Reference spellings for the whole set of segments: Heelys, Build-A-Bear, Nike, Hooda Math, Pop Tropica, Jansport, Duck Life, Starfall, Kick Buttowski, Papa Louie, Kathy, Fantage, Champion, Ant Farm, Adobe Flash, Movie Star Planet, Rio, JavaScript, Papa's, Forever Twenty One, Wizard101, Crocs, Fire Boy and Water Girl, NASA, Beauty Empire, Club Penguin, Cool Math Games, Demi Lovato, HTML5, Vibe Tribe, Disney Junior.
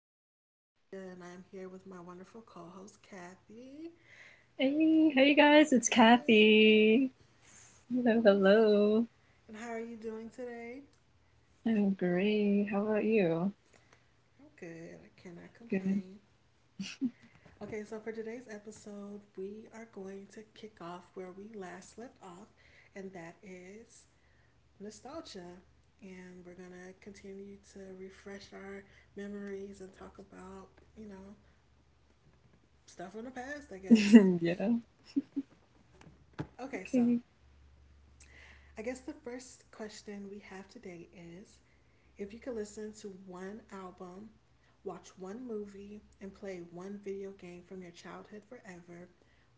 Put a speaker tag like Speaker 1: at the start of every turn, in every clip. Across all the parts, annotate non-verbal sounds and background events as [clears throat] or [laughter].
Speaker 1: is your girl Tamia, and I'm here with my wonderful co-host Kathy.
Speaker 2: Hey, hey guys, it's
Speaker 1: Yeah.
Speaker 2: Kathy. Hello, hello.
Speaker 1: And how are you doing today?
Speaker 2: I'm great. How about you?
Speaker 1: I'm good. I cannot
Speaker 2: Good.
Speaker 1: complain. Okay, so for today's episode, we are going to kick off where we last left off, and that is nostalgia. And we're gonna continue to refresh our memories and talk about, you know, stuff from the past, I guess.
Speaker 2: [laughs] Yeah.
Speaker 1: Okay, so
Speaker 2: Okay.
Speaker 1: I guess the first question we have today is if you could listen to one album, watch one movie, and play one video game from your childhood forever,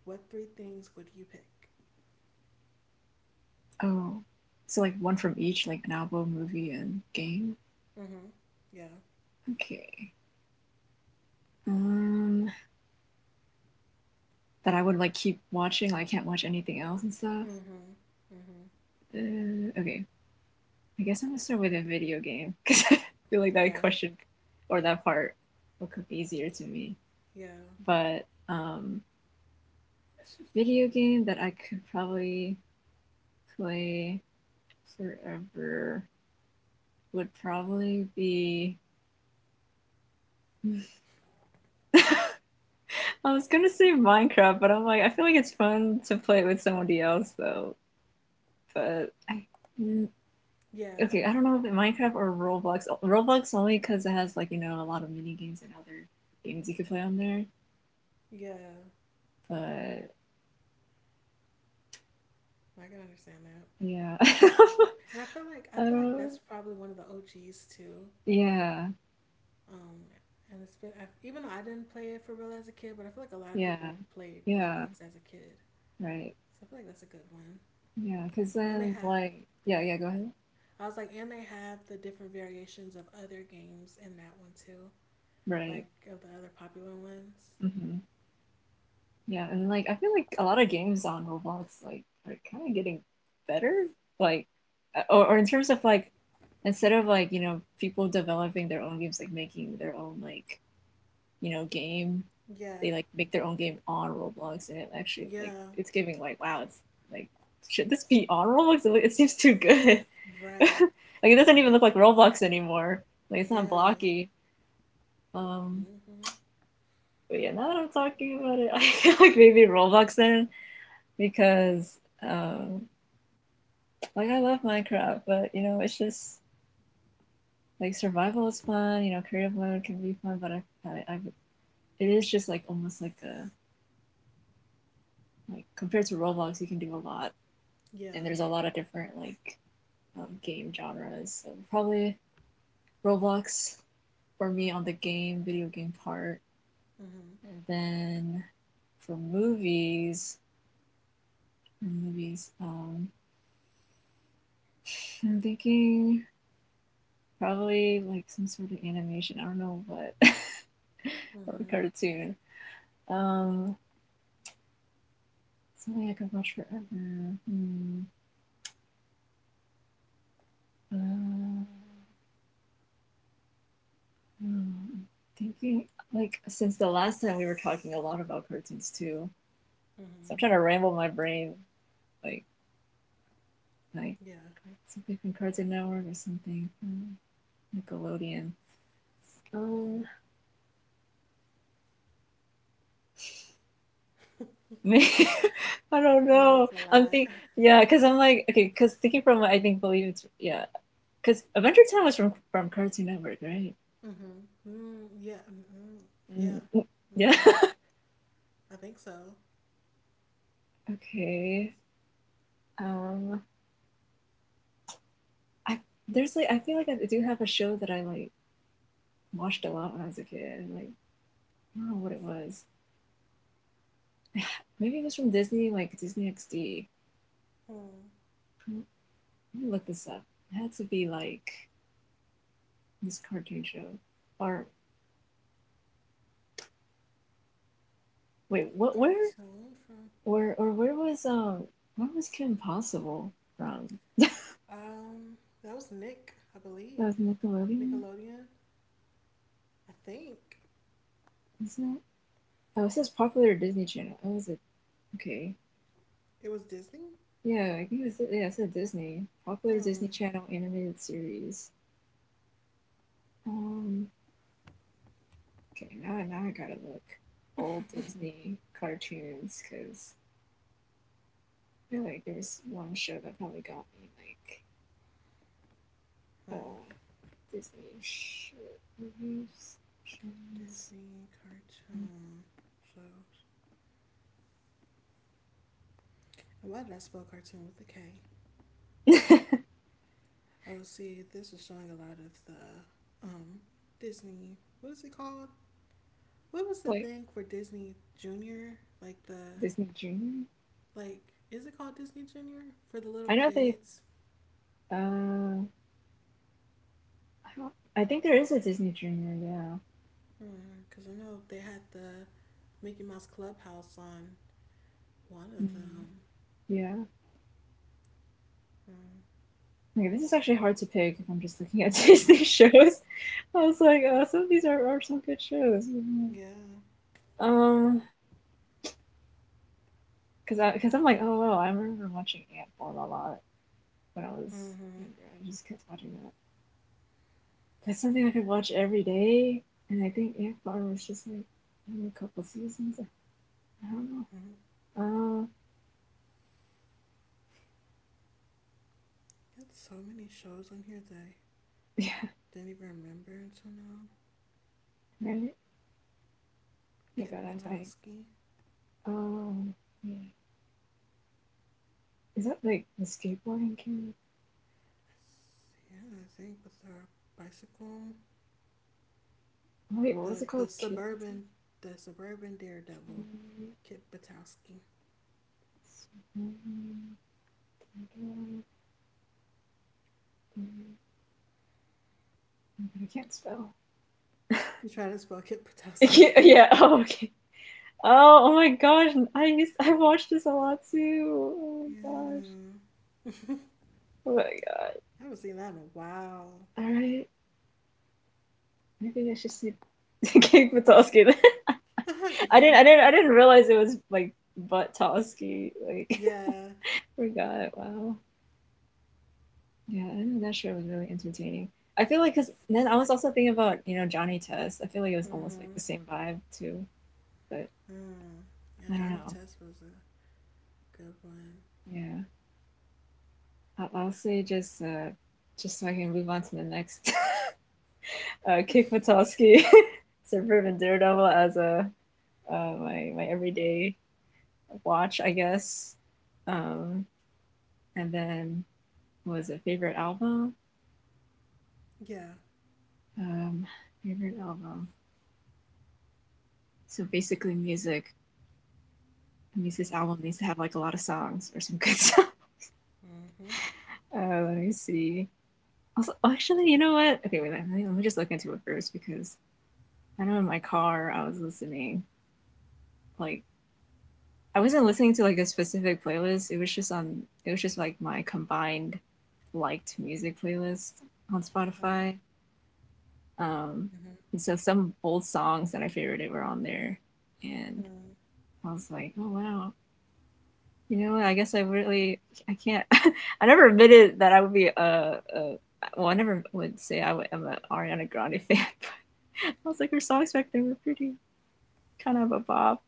Speaker 1: what three things would you pick?
Speaker 2: Oh, so like one from each, like an album, movie, and game.
Speaker 1: Mm-hmm. Yeah.
Speaker 2: Okay. Um, that I would like keep watching. Like, I can't watch anything else and stuff.
Speaker 1: Mm-hmm. Mm-hmm.
Speaker 2: Okay. I guess I'm gonna start with a video game [laughs] because I feel like
Speaker 1: Okay.
Speaker 2: that question or that part will come easier to me.
Speaker 1: Yeah.
Speaker 2: But um, video game that I could probably play forever would probably be. [laughs] I was gonna say Minecraft, but I'm like, I feel like it's fun to play it with somebody else though. But I, mm,
Speaker 1: Yeah.
Speaker 2: okay, I don't know if it's Minecraft or Roblox. Roblox only because it has like you know a lot of mini games and other games you could play on there.
Speaker 1: Yeah.
Speaker 2: But
Speaker 1: I can understand that.
Speaker 2: yeah,
Speaker 1: And I feel like I
Speaker 2: [laughs] I
Speaker 1: feel like
Speaker 2: don't.
Speaker 1: that's probably one of the OGs too.
Speaker 2: Yeah,
Speaker 1: Um, and it's been even though I didn't play it for real as a kid, but I feel like a lot of
Speaker 2: yeah,
Speaker 1: people played
Speaker 2: yeah.
Speaker 1: Roblox as a kid.
Speaker 2: Right.
Speaker 1: So I feel like that's a good one.
Speaker 2: Yeah, because
Speaker 1: And they
Speaker 2: then
Speaker 1: have,
Speaker 2: like yeah, yeah, go ahead.
Speaker 1: I was like, and they have the different variations of other games in that one too,
Speaker 2: Right.
Speaker 1: like of the other popular ones.
Speaker 2: Mm-hmm. Yeah, and like I feel like a lot of games on Roblox like are kind of getting better, like, or in terms of like instead of like you know people developing their own games, like making their own like you know game,
Speaker 1: Yeah,
Speaker 2: they like make their own game on Roblox, and it actually like
Speaker 1: yeah,
Speaker 2: it's giving like wow, it's like should this be on Roblox? It seems too good. [laughs]
Speaker 1: right,
Speaker 2: Like it doesn't even look
Speaker 1: right,
Speaker 2: like Roblox anymore. Like it's not
Speaker 1: yeah,
Speaker 2: blocky. Um,
Speaker 1: mm-hmm,
Speaker 2: But yeah, now that I'm talking about it, [laughs] I feel like maybe Roblox then because um like I love Minecraft, but you know, it's just like survival is fun, you know, creative mode can be fun, but I it is just like almost like a like compared to Roblox, you can do a lot,
Speaker 1: yeah,
Speaker 2: and there's a lot of different like game genres. So probably Roblox for me on the game video game part,
Speaker 1: mm-hmm,
Speaker 2: and then for movies, for movies, I'm thinking probably like some sort of animation. I don't know what. [laughs] Or a
Speaker 1: mm-hmm,
Speaker 2: cartoon. Um, something I could watch forever. Hmm. Uh, hmm. Thinking like since the last time we were talking a lot about cartoons too, so
Speaker 1: mm-hmm,
Speaker 2: I'm trying to ramble my brain like like
Speaker 1: yeah.
Speaker 2: something from Cartoon Network or something from Nickelodeon. Um, maybe, [laughs] I don't
Speaker 1: I know
Speaker 2: know.
Speaker 1: it's a
Speaker 2: I'm
Speaker 1: lot.
Speaker 2: think yeah, cause I'm like okay, cause thinking from I think believe it's yeah, because Adventure Time was from Cartoon Network, right?
Speaker 1: Mm-hmm. Mm, yeah, mm-hmm, yeah,
Speaker 2: Mm, mm, yeah.
Speaker 1: mm,
Speaker 2: [laughs]
Speaker 1: I think so. That's-
Speaker 2: Okay. Um, I there's like I feel like I do have a show that I like watched a lot when I was a kid, and like I don't know what it was. Maybe it was from Disney, like Disney XD.
Speaker 1: Hmm.
Speaker 2: Let me look this up. It had to be like this cartoon show, or wait, what? Where?
Speaker 1: Cartoon from
Speaker 2: Where? Or where was um? Where was Kim Possible from?
Speaker 1: Um, that was Nick, I
Speaker 2: That
Speaker 1: believe.
Speaker 2: was Nickelodeon,
Speaker 1: Nickelodeon, I think.
Speaker 2: is it? Oh, it says popular Disney Channel. Oh, is it? Okay.
Speaker 1: It was Disney?
Speaker 2: Yeah, I think it's, yeah, it's a Disney, popular Disney
Speaker 1: Hmm.
Speaker 2: Channel animated series. Um, okay, now, now I gotta look old Disney cartoons because I feel like there was one show that probably got me like uh
Speaker 1: Hmm.
Speaker 2: Disney show movies, shows,
Speaker 1: Disney cartoon shows. And why did I spell cartoon with a K? Oh, see, this is showing a lot of the Disney. What is it called? What was the
Speaker 2: [laughs] like
Speaker 1: thing for Disney Junior? Like the
Speaker 2: Disney Junior.
Speaker 1: like is it called Disney Junior for the little
Speaker 2: I know they
Speaker 1: kids?
Speaker 2: I, don't, I think there is a Disney Junior. Yeah,
Speaker 1: Because I know they had the Mickey Mouse Clubhouse on one of
Speaker 2: mm,
Speaker 1: them.
Speaker 2: yeah.
Speaker 1: Mm.
Speaker 2: Okay, this is actually hard to pick if I'm just looking at Disney shows. [laughs] I was like, some of these are some good shows.
Speaker 1: Yeah.
Speaker 2: Um, because I'm like, oh wow, I remember watching Ant Farm a lot when I was
Speaker 1: Mm-hmm.
Speaker 2: younger. I just kept watching that. That's something I could watch every day, and I think Ant Farm was just like only a couple seasons. I don't know.
Speaker 1: Hmm.
Speaker 2: Um,
Speaker 1: Had so many shows on here that I
Speaker 2: [laughs] Yeah,
Speaker 1: didn't even remember until now.
Speaker 2: right. Oh
Speaker 1: Kit
Speaker 2: God, I'm like,
Speaker 1: Patowski.
Speaker 2: um, yeah. Is that like the skateboarding camera?
Speaker 1: Yeah, I think with her bicycle.
Speaker 2: Oh, wait, what was it
Speaker 1: The
Speaker 2: called? Kid, what's it
Speaker 1: suburban, the suburban daredevil.
Speaker 2: called?
Speaker 1: Kit Patowski.
Speaker 2: I can't spell.
Speaker 1: You try to spell Kit
Speaker 2: I
Speaker 1: Patowski.
Speaker 2: can't, [laughs] yeah. Oh, okay. Oh, oh my gosh. I watched this a lot too. Oh my gosh.
Speaker 1: Yeah.
Speaker 2: Oh my god.
Speaker 1: I haven't seen that in a while.
Speaker 2: All right. Maybe I should see Kate Batowski. [laughs] I didn't realize it was like Batowski. Like
Speaker 1: Yeah.
Speaker 2: [laughs] forgot. Wow. Yeah. I know that show was really entertaining. I feel like because then I was also thinking about you know Johnny Test. I feel like it was almost like
Speaker 1: Mm-hmm.
Speaker 2: the same vibe too. But
Speaker 1: Mm. Yeah,
Speaker 2: I don't
Speaker 1: Johnny
Speaker 2: know.
Speaker 1: Test was a good one.
Speaker 2: Yeah. I'll say just so I can move on to the next. [laughs] Kick Matosky, [laughs] Suburban Daredevil as a my my everyday watch, I guess. Um, and then what was it favorite album?
Speaker 1: Yeah.
Speaker 2: Um, favorite album. So basically, music. It means this album needs to have like a lot of songs or some good songs. [laughs]
Speaker 1: Mm-hmm.
Speaker 2: Let me see. Also, actually, you know what? Okay, wait. Let me just look into it first because I know in my car I was listening like I wasn't listening to like a specific playlist. It was just on it was just like my combined liked music playlist on
Speaker 1: Mm-hmm.
Speaker 2: Spotify. Um
Speaker 1: Mm-hmm.
Speaker 2: and so some old songs that I favorited were on there and
Speaker 1: Mm-hmm.
Speaker 2: I was like, oh wow. You know, what? I guess I really I can't [laughs] I never admitted that I would be a well, I never would say I am an Ariana Grande fan, but [laughs] I was like, her songs back then were pretty kind of a bop.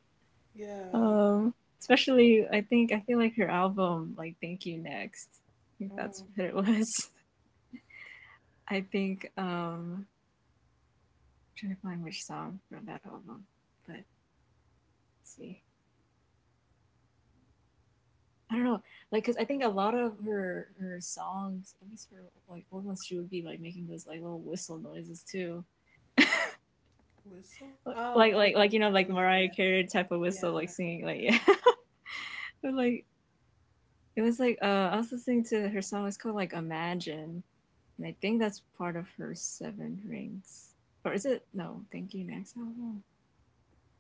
Speaker 1: Yeah.
Speaker 2: Um, especially I think I feel like her album, like Thank You Next. I think that's
Speaker 1: Mm.
Speaker 2: what it was. [laughs] I think I'm trying to find which song from that album, but let's see. I don't know, like, cause I think a lot of her songs, at least for like old ones, she would be like making those like little whistle noises too,
Speaker 1: Whistle. Oh, oh,
Speaker 2: like
Speaker 1: oh,
Speaker 2: you know like
Speaker 1: oh, yeah,
Speaker 2: Mariah
Speaker 1: yeah,
Speaker 2: Carey type of
Speaker 1: yeah.
Speaker 2: whistle, like
Speaker 1: Yeah.
Speaker 2: singing like yeah, [laughs] but like it was like I was listening to her song. It's called like Imagine, and I think that's part of her Seven Rings. Or is it? No, thank you, next album.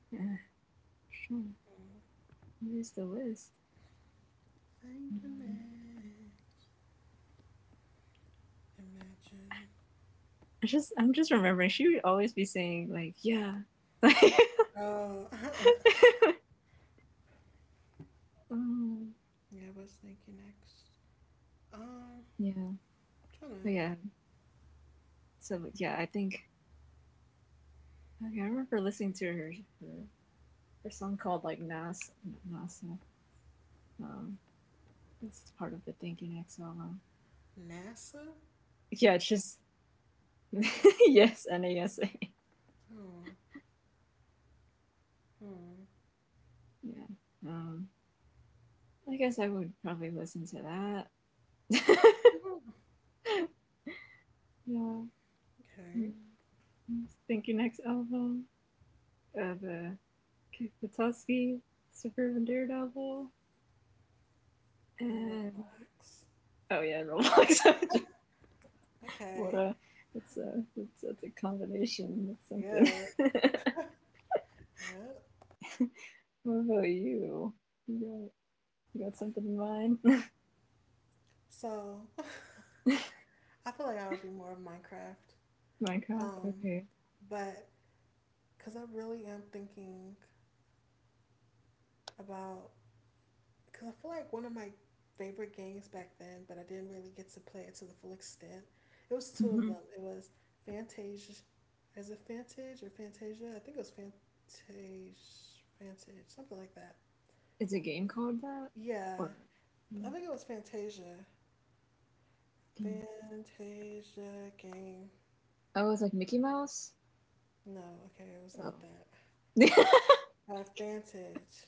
Speaker 2: Yeah, sure. Here's the list.
Speaker 1: Thank you,
Speaker 2: Um,
Speaker 1: man. Imagine.
Speaker 2: I'm just remembering. She would always be saying like, "Yeah, [laughs]
Speaker 1: Oh,
Speaker 2: um,
Speaker 1: [laughs] yeah. What's thinking next? Um,
Speaker 2: yeah,
Speaker 1: I'm
Speaker 2: but
Speaker 1: trying
Speaker 2: yeah." So yeah, I think okay, I remember listening to her, her song called like NASA, NASA. Um, that's part of the Thank You Next album.
Speaker 1: to NASA.
Speaker 2: Yeah, it's just [laughs] yes, NASA.
Speaker 1: Oh, hmm.
Speaker 2: Yeah. Um, I guess I would probably listen to that. [laughs]
Speaker 1: Hmm.
Speaker 2: Yeah.
Speaker 1: Okay.
Speaker 2: Hmm. Thank you. Next album of *The Patowski, Suburban Daredevil,
Speaker 1: And
Speaker 2: and
Speaker 1: Roblox.
Speaker 2: oh yeah, Roblox. [laughs] What
Speaker 1: Okay.
Speaker 2: a it's it's a combination. It's something.
Speaker 1: Yeah.
Speaker 2: [laughs]
Speaker 1: Yeah.
Speaker 2: What about you? You got you got something in mind?
Speaker 1: So [laughs] I feel like I would be more of Minecraft.
Speaker 2: [laughs] Minecraft.
Speaker 1: Um,
Speaker 2: Okay.
Speaker 1: but because I really am thinking about because I feel like one of my favorite games back then, but I didn't really get to play it to the full extent. It was two of
Speaker 2: Mm-hmm.
Speaker 1: them. It was Fantasia. Is it Fantage or Fantasia? I think it was Fantage, Fantage, something like that.
Speaker 2: It's a game called that,
Speaker 1: Yeah,
Speaker 2: or
Speaker 1: I think it was Fantasia. Fantasia game.
Speaker 2: oh, it's like Mickey Mouse.
Speaker 1: No, okay, it was
Speaker 2: Oh.
Speaker 1: not that.
Speaker 2: [laughs]
Speaker 1: Vantage.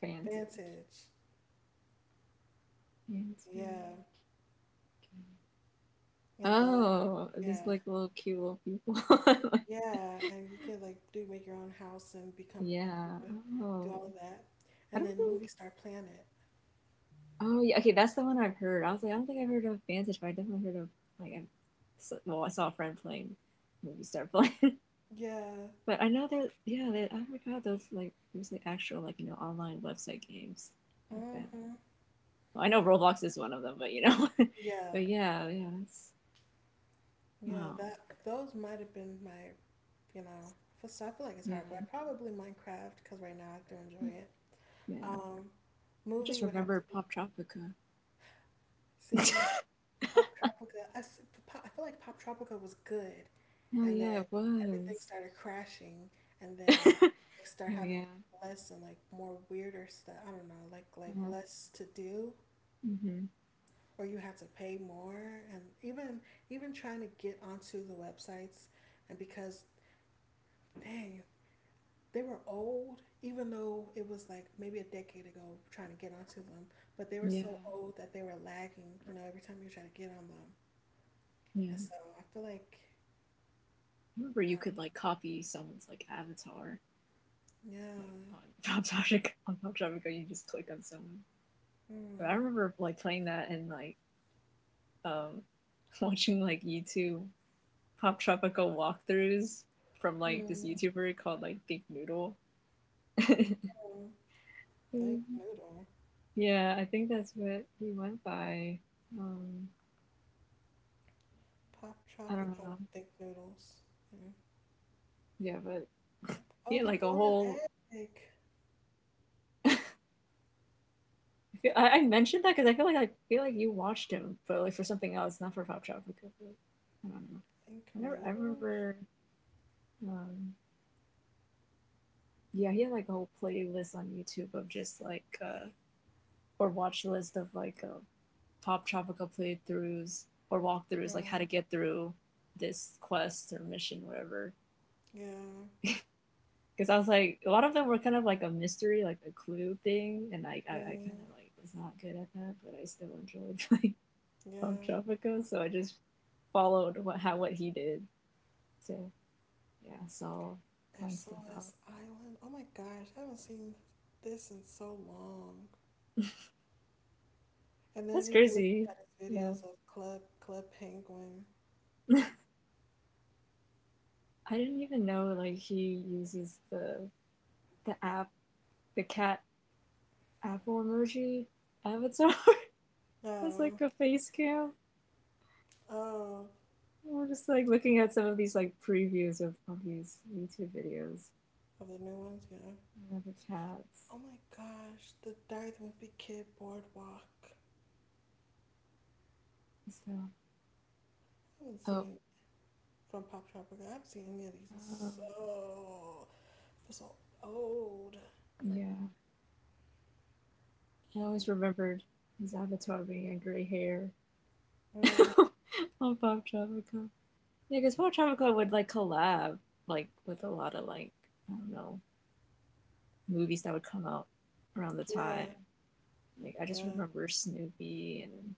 Speaker 2: Fancy,
Speaker 1: Vantage.
Speaker 2: fancy.
Speaker 1: Yeah, and that.
Speaker 2: Oh, these
Speaker 1: Yeah.
Speaker 2: like little cute little people. [laughs]
Speaker 1: Yeah, and you could like do make your own house and become, you
Speaker 2: Yeah.
Speaker 1: know, do
Speaker 2: Oh,
Speaker 1: all of that.
Speaker 2: I
Speaker 1: And
Speaker 2: don't
Speaker 1: then
Speaker 2: think.
Speaker 1: Movie Star Planet.
Speaker 2: Oh, yeah. Okay, that's the one I've heard. I was like, I don't think I've heard of Vantage, but I definitely heard of like. I, so- well, I saw a friend playing movie star playing,
Speaker 1: Yeah.
Speaker 2: [laughs] but I know that. Yeah, they, I forgot those like there's the actual like you know online website games like that.
Speaker 1: Mhm.
Speaker 2: Well, I know Roblox is one of them, but you know, [laughs]
Speaker 1: Yeah.
Speaker 2: but yeah, yeah, that's
Speaker 1: Yeah,
Speaker 2: wow.
Speaker 1: that those might have been my, you know, for so I feel like it's
Speaker 2: Yeah,
Speaker 1: hard, but probably Minecraft because right now I do
Speaker 2: yeah,
Speaker 1: enjoy it.
Speaker 2: yeah.
Speaker 1: Um,
Speaker 2: I just
Speaker 1: movie would have
Speaker 2: remember
Speaker 1: to be.
Speaker 2: Pop Tropica.
Speaker 1: See,
Speaker 2: [laughs]
Speaker 1: Pop Tropica. I feel like Pop Tropica was good,
Speaker 2: Oh
Speaker 1: and
Speaker 2: yeah,
Speaker 1: then
Speaker 2: it
Speaker 1: everything
Speaker 2: was.
Speaker 1: started crashing, and then they start
Speaker 2: [laughs] Oh
Speaker 1: having
Speaker 2: yeah.
Speaker 1: less and like more weirder stuff. I don't know, like
Speaker 2: Uh,
Speaker 1: less to do,
Speaker 2: hmm.
Speaker 1: or you had to pay more, and even trying to get onto the websites, and because dang, they were old, even though it was like maybe a decade ago trying to get onto them, but they were
Speaker 2: Yeah.
Speaker 1: so old that they were lagging. You know, every time you try to get on them,
Speaker 2: Yeah.
Speaker 1: and
Speaker 2: I
Speaker 1: so I feel like.
Speaker 2: remember you could like copy someone's like avatar
Speaker 1: Yeah.
Speaker 2: like on [laughs] Pop Tropica. On Pop Tropica, you just click on someone. But
Speaker 1: Mm.
Speaker 2: I remember like playing that and like um [laughs] watching like YouTube Pop Tropica walkthroughs from like this
Speaker 1: Mm.
Speaker 2: YouTuber called like Big Noodle.
Speaker 1: Mm. Think
Speaker 2: [laughs]
Speaker 1: noodle.
Speaker 2: Yeah, I think that's what he went by. Um,
Speaker 1: Pop
Speaker 2: I
Speaker 1: chopper.
Speaker 2: don't
Speaker 1: Oh,
Speaker 2: know.
Speaker 1: think noodles. Mm.
Speaker 2: Yeah, but he
Speaker 1: Oh,
Speaker 2: had
Speaker 1: the
Speaker 2: like a
Speaker 1: golden
Speaker 2: whole.
Speaker 1: egg.
Speaker 2: I mentioned that because I feel like you watched him, but like for something else, not for Pop Shop. Because like, I don't know.
Speaker 1: Think
Speaker 2: I never. I
Speaker 1: noodles.
Speaker 2: remember. Um, yeah, he had like a whole playlist on YouTube of just like or watch list of like Pop Tropical playthroughs or walkthroughs, like how to
Speaker 1: Mm.
Speaker 2: get through this quest or mission, whatever.
Speaker 1: Yeah.
Speaker 2: Because I was like, a lot of them were kind of like a mystery, like a clue thing, and I kind
Speaker 1: Mm.
Speaker 2: of like was not good at that, but I still enjoyed [laughs] playing. From
Speaker 1: Yeah.
Speaker 2: Tropico, so I just followed what how what he did to yeah, so find stuff out.
Speaker 1: SOS Island. Oh my gosh, I haven't seen this in so long.
Speaker 2: [laughs]
Speaker 1: And then
Speaker 2: That's
Speaker 1: even looking
Speaker 2: crazy.
Speaker 1: at his
Speaker 2: Yeah.
Speaker 1: videos of Club Penguin.
Speaker 2: [laughs] I didn't even know like he uses the app, the cat apple emoji avatar [laughs] as like
Speaker 1: No.
Speaker 2: a face cam.
Speaker 1: Oh,
Speaker 2: We're just like looking at some of these like previews of these YouTube videos.
Speaker 1: of the new ones. Yeah.
Speaker 2: Yeah, the cats.
Speaker 1: Oh my gosh, the Diary of the Wimpy Kid Boardwalk. I
Speaker 2: So
Speaker 1: haven't
Speaker 2: oh,
Speaker 1: seen from Pop Tropica. I haven't seen any of these in
Speaker 2: oh
Speaker 1: so for so old.
Speaker 2: yeah. I always remembered his avatar being a gray hair. [laughs]
Speaker 1: Mm,
Speaker 2: Oh, Bob Travica. Yeah, because Bob Travica would like collab like with a lot of like I don't know movies that would come out around the
Speaker 1: yeah,
Speaker 2: time. Like I just
Speaker 1: yeah.
Speaker 2: remember Snoopy and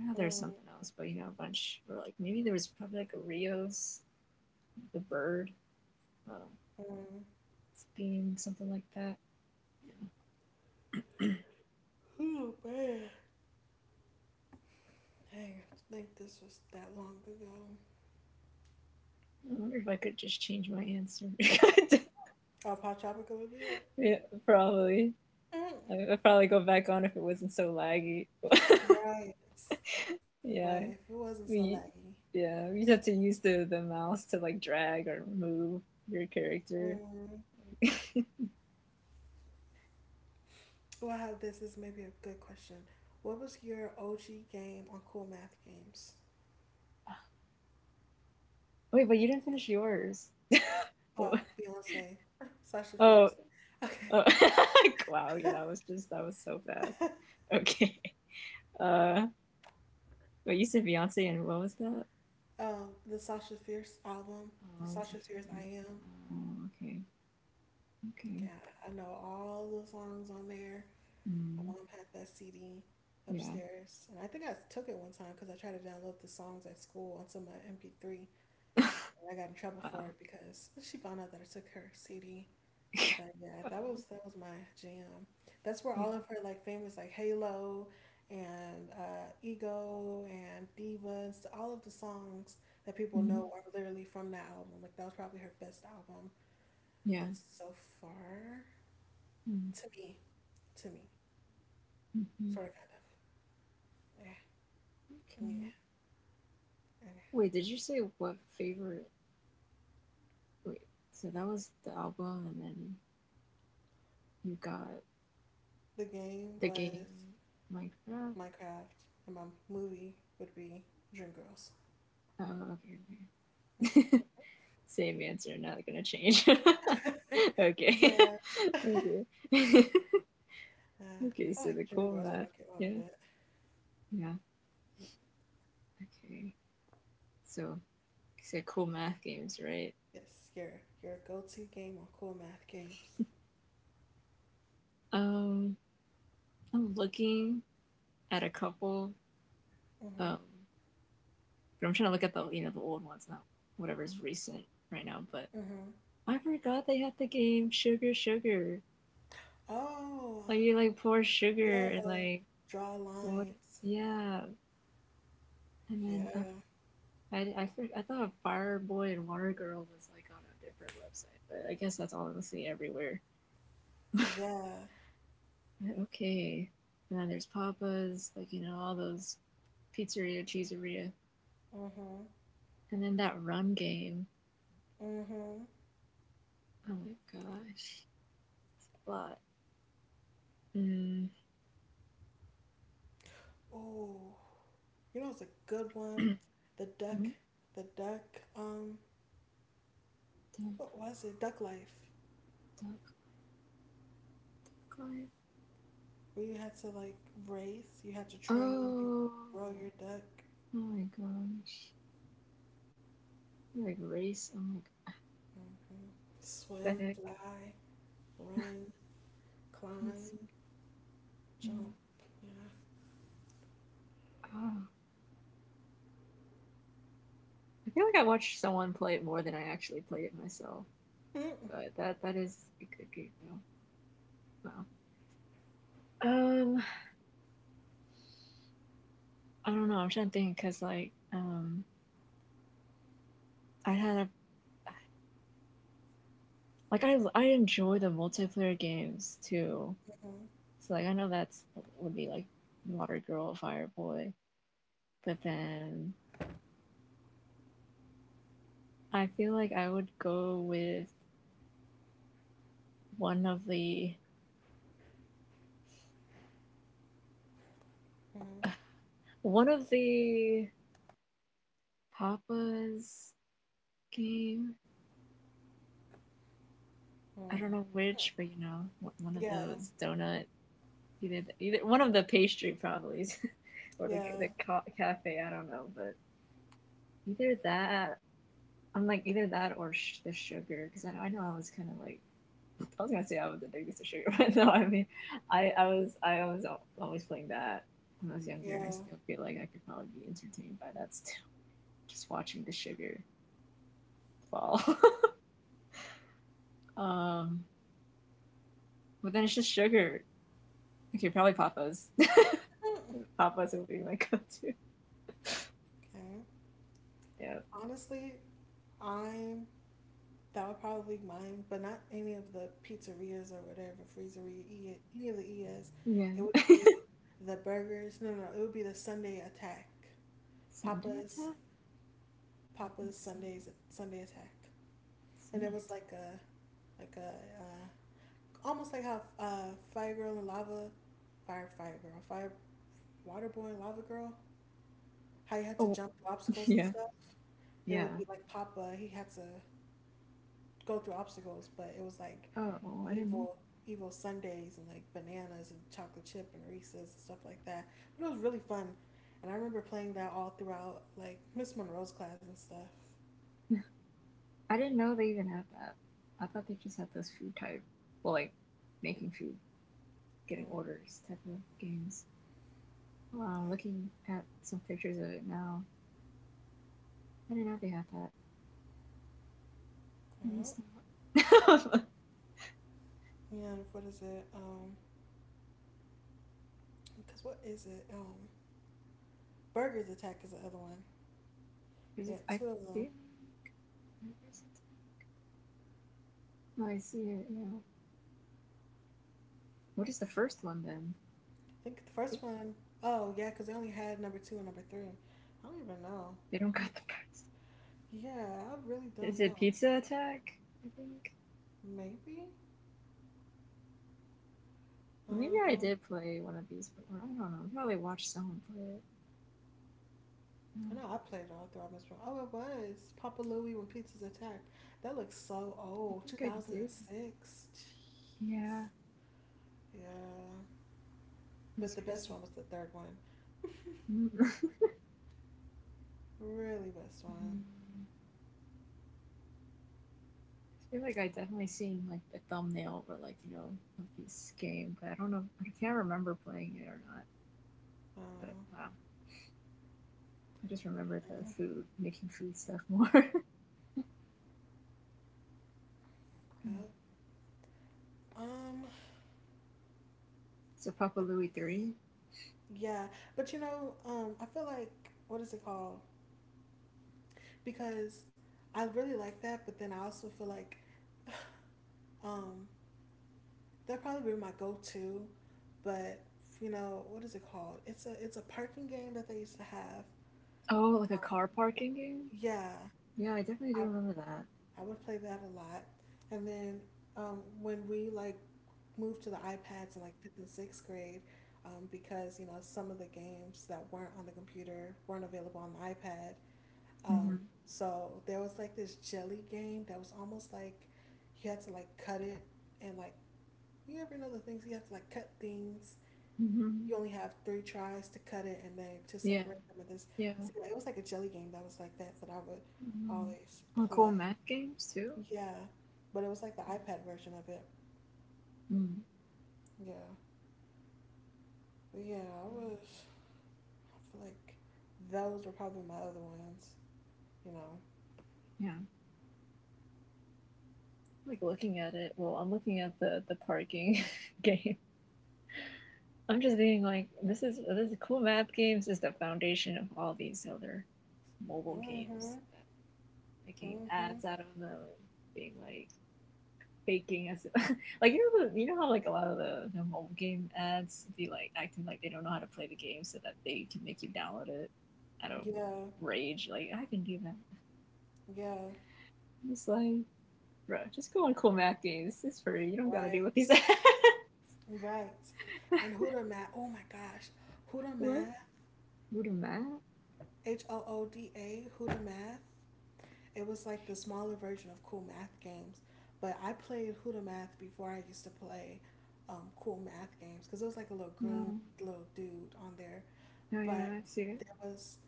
Speaker 2: oh, there's
Speaker 1: Mm,
Speaker 2: something else, but you know a bunch. Or like maybe there was probably like a Rios, the bird, um,
Speaker 1: mm.
Speaker 2: being something like that. Yeah.
Speaker 1: Oh man, dang, I think this was that long ago.
Speaker 2: I wonder if I could just change my answer. [laughs]
Speaker 1: Oh, Pop Tropica would be it.
Speaker 2: Yeah, probably.
Speaker 1: Mm.
Speaker 2: I'd probably go back on if it wasn't so laggy.
Speaker 1: Right,
Speaker 2: [laughs]
Speaker 1: right. If it
Speaker 2: Yeah,
Speaker 1: wasn't so laggy.
Speaker 2: we yeah we have to use the mouse to like drag or move your character.
Speaker 1: Mm.
Speaker 2: [laughs] Wait,
Speaker 1: Well, I have this is maybe a good question. What was your OG game on Cool Math Games?
Speaker 2: but you didn't finish yours. [laughs] Oh,
Speaker 1: Oh, Beyonce, [laughs] Sasha
Speaker 2: oh,
Speaker 1: Fierce.
Speaker 2: oh. [laughs] Wow, yeah, that was just that was so fast. Okay, uh but you said Beyonce, and what was that?
Speaker 1: The Sasha Fierce album, the
Speaker 2: Oh, that's
Speaker 1: Sasha
Speaker 2: not so
Speaker 1: Fierce I
Speaker 2: funny.
Speaker 1: Am.
Speaker 2: Oh, okay. Okay.
Speaker 1: Yeah, I know all the songs on there. My
Speaker 2: Mm,
Speaker 1: mom had that CD
Speaker 2: yeah.
Speaker 1: upstairs, and I think I took it one time because I tried to download the songs at school onto my MP3,
Speaker 2: [laughs]
Speaker 1: and I got in trouble for
Speaker 2: Wow.
Speaker 1: it because she found out that I took her CD. But yeah, that
Speaker 2: Oh
Speaker 1: was that was my jam. That's where
Speaker 2: yeah.
Speaker 1: all of her like famous like Halo and Ego and Divas, all of the songs that people know
Speaker 2: Mhm.
Speaker 1: are literally from that album. Like that was probably her best album,
Speaker 2: Yeah.
Speaker 1: and so far to me, to me,
Speaker 2: Mm-hmm.
Speaker 1: sort of kind of. Yeah, yeah.
Speaker 2: Okay.
Speaker 1: Eh.
Speaker 2: Wait, did you say what favorite? Wait, so that was the album, and then you got
Speaker 1: The game
Speaker 2: the
Speaker 1: was
Speaker 2: game Minecraft.
Speaker 1: Minecraft, and my movie would be Dreamgirls.
Speaker 2: Oh, okay, okay.
Speaker 1: Hmm.
Speaker 2: [laughs] Same answer, not gonna change. [laughs] Okay.
Speaker 1: Yeah,
Speaker 2: [laughs] Okay. [laughs]
Speaker 1: I
Speaker 2: Okay.
Speaker 1: feel
Speaker 2: So
Speaker 1: like
Speaker 2: the cool
Speaker 1: Dreamgirls. I
Speaker 2: math,
Speaker 1: don't get out of
Speaker 2: yeah,
Speaker 1: it.
Speaker 2: yeah. Okay, so you said cool math games, right?
Speaker 1: Yes, your go-to game on cool math games.
Speaker 2: Um, I'm looking at a couple.
Speaker 1: Mm-hmm.
Speaker 2: Um, but I'm trying to look at the you know the old ones, not whatever's recent right now. But
Speaker 1: Mm-hmm.
Speaker 2: I forgot they had the game Sugar Sugar.
Speaker 1: Oh,
Speaker 2: Like you like pour
Speaker 1: yeah.
Speaker 2: sugar and like
Speaker 1: Draw
Speaker 2: what?
Speaker 1: lines.
Speaker 2: Yeah, and then
Speaker 1: Yeah.
Speaker 2: I thought Fire Boy and Water Girl was like on a different website, but I guess that's honestly everywhere. [laughs]
Speaker 1: Yeah.
Speaker 2: Okay, and then there's Papa's, like you know all those pizzeria, cheeseria,
Speaker 1: Mm-hmm.
Speaker 2: and then that run game.
Speaker 1: Mm-hmm.
Speaker 2: Oh my gosh, lot. Mm. [clears throat]
Speaker 1: Oh, you know it's a good one. The duck,
Speaker 2: Hmm?
Speaker 1: the duck,
Speaker 2: Dun-
Speaker 1: what was it? Duck life.
Speaker 2: dun- climb.
Speaker 1: Where you had to like race, you had to train and
Speaker 2: Oh,
Speaker 1: grow your duck.
Speaker 2: oh my gosh, like race. Oh my,
Speaker 1: Hmm.
Speaker 2: what the
Speaker 1: Swim,
Speaker 2: heck.
Speaker 1: fly, run,
Speaker 2: That's
Speaker 1: climb, jump.
Speaker 2: mm. Oh, I feel like I watched someone play it more than I actually played it myself,
Speaker 1: Yeah.
Speaker 2: but
Speaker 1: [laughs]
Speaker 2: that is a good game though. Wow. Um, I don't know. I'm trying to think because like I had a like I enjoy the multiplayer games too.
Speaker 1: Mhm.
Speaker 2: So like I know that's would be like Water Girl, Fire Boy, but then I feel like I would go with one of the
Speaker 1: Mhm.
Speaker 2: [laughs] one of the Papa's game.
Speaker 1: Mm.
Speaker 2: I don't know which, but you know, one of
Speaker 1: Yeah.
Speaker 2: those donut, either, either one of the pastry probably. [laughs] Or the
Speaker 1: Yeah.
Speaker 2: cafe. I don't know, but either that. I'm like either that or the sugar because I know I was kind of like I was gonna say I was addicted to sugar, [laughs] but no, I mean I was always playing that when I was younger, and I
Speaker 1: Yeah.
Speaker 2: still feel like I could probably be entertained by that still, just watching the sugar fall. [laughs] um, but then it's just sugar. Okay, probably Papa's. [laughs] Papa's would be my go-to.
Speaker 1: Okay.
Speaker 2: Yeah.
Speaker 1: Honestly, I'm that would probably be mine, but not any of the pizzerias or whatever freezeria, any of the ES. It
Speaker 2: Yeah.
Speaker 1: would be the burgers. No, no, no, it would be the Sunday attack.
Speaker 2: Sunday
Speaker 1: Papa's
Speaker 2: attack?
Speaker 1: Papa's Sundays
Speaker 2: Sunday,
Speaker 1: Sunday attack, and it
Speaker 2: Sunday
Speaker 1: was
Speaker 2: attack.
Speaker 1: like a uh, almost like how Fire Girl and Lava, Fire Fire Girl, Fire Waterboy and Lava Girl, how you had to
Speaker 2: Oh,
Speaker 1: jump through
Speaker 2: [laughs]
Speaker 1: obstacles and
Speaker 2: yeah.
Speaker 1: stuff. It would
Speaker 2: Yeah.
Speaker 1: be like Papa, he had to go through obstacles, but it was like
Speaker 2: Oh, I didn't
Speaker 1: evil evil Sundays and like bananas and chocolate chip and Reese's and stuff like that. But it was really fun. And I remember playing that all throughout like Miss Monroe's class and stuff.
Speaker 2: know. [laughs] I didn't know they even had that. I thought they just had those food type well like making food, getting
Speaker 1: Mm.
Speaker 2: orders type of games. Wow, looking at some pictures of it now. I didn't know they had that. I
Speaker 1: Well,
Speaker 2: missed out. [laughs]
Speaker 1: yeah, and what is it? Because what is it? Burgers Attack is the other one. They had
Speaker 2: I
Speaker 1: two of them.
Speaker 2: feel like is it- oh, I see it, yeah. What is the first one then?
Speaker 1: I think the first one, oh yeah, because they only had number two and number three. I don't even know.
Speaker 2: They don't got the
Speaker 1: Yeah, I really
Speaker 2: first.
Speaker 1: don't
Speaker 2: Is it
Speaker 1: know.
Speaker 2: Pizza Attack? I think.
Speaker 1: Maybe.
Speaker 2: Maybe I
Speaker 1: Um,
Speaker 2: did play one of these before. I don't know. I probably watched someone play it. Oh,
Speaker 1: I know I played it all throughout Miss Brown. Oh, it was Papa Louie when Pizzas Attack. That looks so
Speaker 2: I
Speaker 1: old,
Speaker 2: think I did.
Speaker 1: 2006. Jeez.
Speaker 2: Yeah,
Speaker 1: Yeah,
Speaker 2: it
Speaker 1: but
Speaker 2: was
Speaker 1: the
Speaker 2: crazy.
Speaker 1: best one was the third one.
Speaker 2: [laughs]
Speaker 1: Really best one.
Speaker 2: I feel like I definitely seen like the thumbnail or like you know of this game, but I don't know. I can't remember playing it or not. But
Speaker 1: Um,
Speaker 2: wow, I just remember the food, making food stuff more. [laughs] Mm.
Speaker 1: yep. um,
Speaker 2: So Papa Louie three.
Speaker 1: yeah, but I feel like what is it called? Because I really like that, but then I also feel like [sighs] um That'd probably be my go-to, but you know what is it called? It's a parking game that they used to have.
Speaker 2: Oh, like a
Speaker 1: Um,
Speaker 2: car parking game.
Speaker 1: yeah,
Speaker 2: Yeah, I definitely do
Speaker 1: I
Speaker 2: remember that.
Speaker 1: I would play that a lot. And then when we like moved to the iPads in like fifth and sixth grade, because some of the games that weren't on the computer weren't available on the iPad.
Speaker 2: Mm-hmm.
Speaker 1: Um, so there was like this jelly game that was almost like you had to like cut it and like you ever know the things you have to like cut things
Speaker 2: Mm-hmm.
Speaker 1: you only have three tries to cut it and then to
Speaker 2: Yeah,
Speaker 1: separate them. And this,
Speaker 2: yeah.
Speaker 1: so yeah, it was like a jelly game that was like that, that I would
Speaker 2: Mhm.
Speaker 1: always
Speaker 2: Or cool
Speaker 1: play.
Speaker 2: math games too.
Speaker 1: Yeah, but it was like the iPad version of it.
Speaker 2: Mm,
Speaker 1: Yeah, but yeah, I was. I feel like those were probably my other ones. You know.
Speaker 2: yeah, like looking at it. Well, I'm looking at the parking [laughs] game. I'm just being like, this is cool math games is the foundation of all these other mobile games.
Speaker 1: Mhm.
Speaker 2: Making
Speaker 1: Mhm.
Speaker 2: ads out of them, being like faking as [laughs] like you know you know how like a lot of the mobile game ads be like acting like they don't know how to play the game so that they can make you download it out of
Speaker 1: Yeah.
Speaker 2: rage. Like I can do that.
Speaker 1: Yeah.
Speaker 2: It's like bro, just go on cool math games. It's free. You don't gotta do
Speaker 1: Right.
Speaker 2: what these are.
Speaker 1: Right.
Speaker 2: [laughs]
Speaker 1: And Huda Math. Oh my gosh. Huda
Speaker 2: What?
Speaker 1: Math.
Speaker 2: Voodoo Math?
Speaker 1: Hooda. Huda Math. It was like the smaller version of Cool Math games, but I played Huda Math before I used to play Cool Math games because it was like a little green
Speaker 2: No.
Speaker 1: little dude on there.
Speaker 2: Oh
Speaker 1: But
Speaker 2: yeah, I see it.
Speaker 1: there was,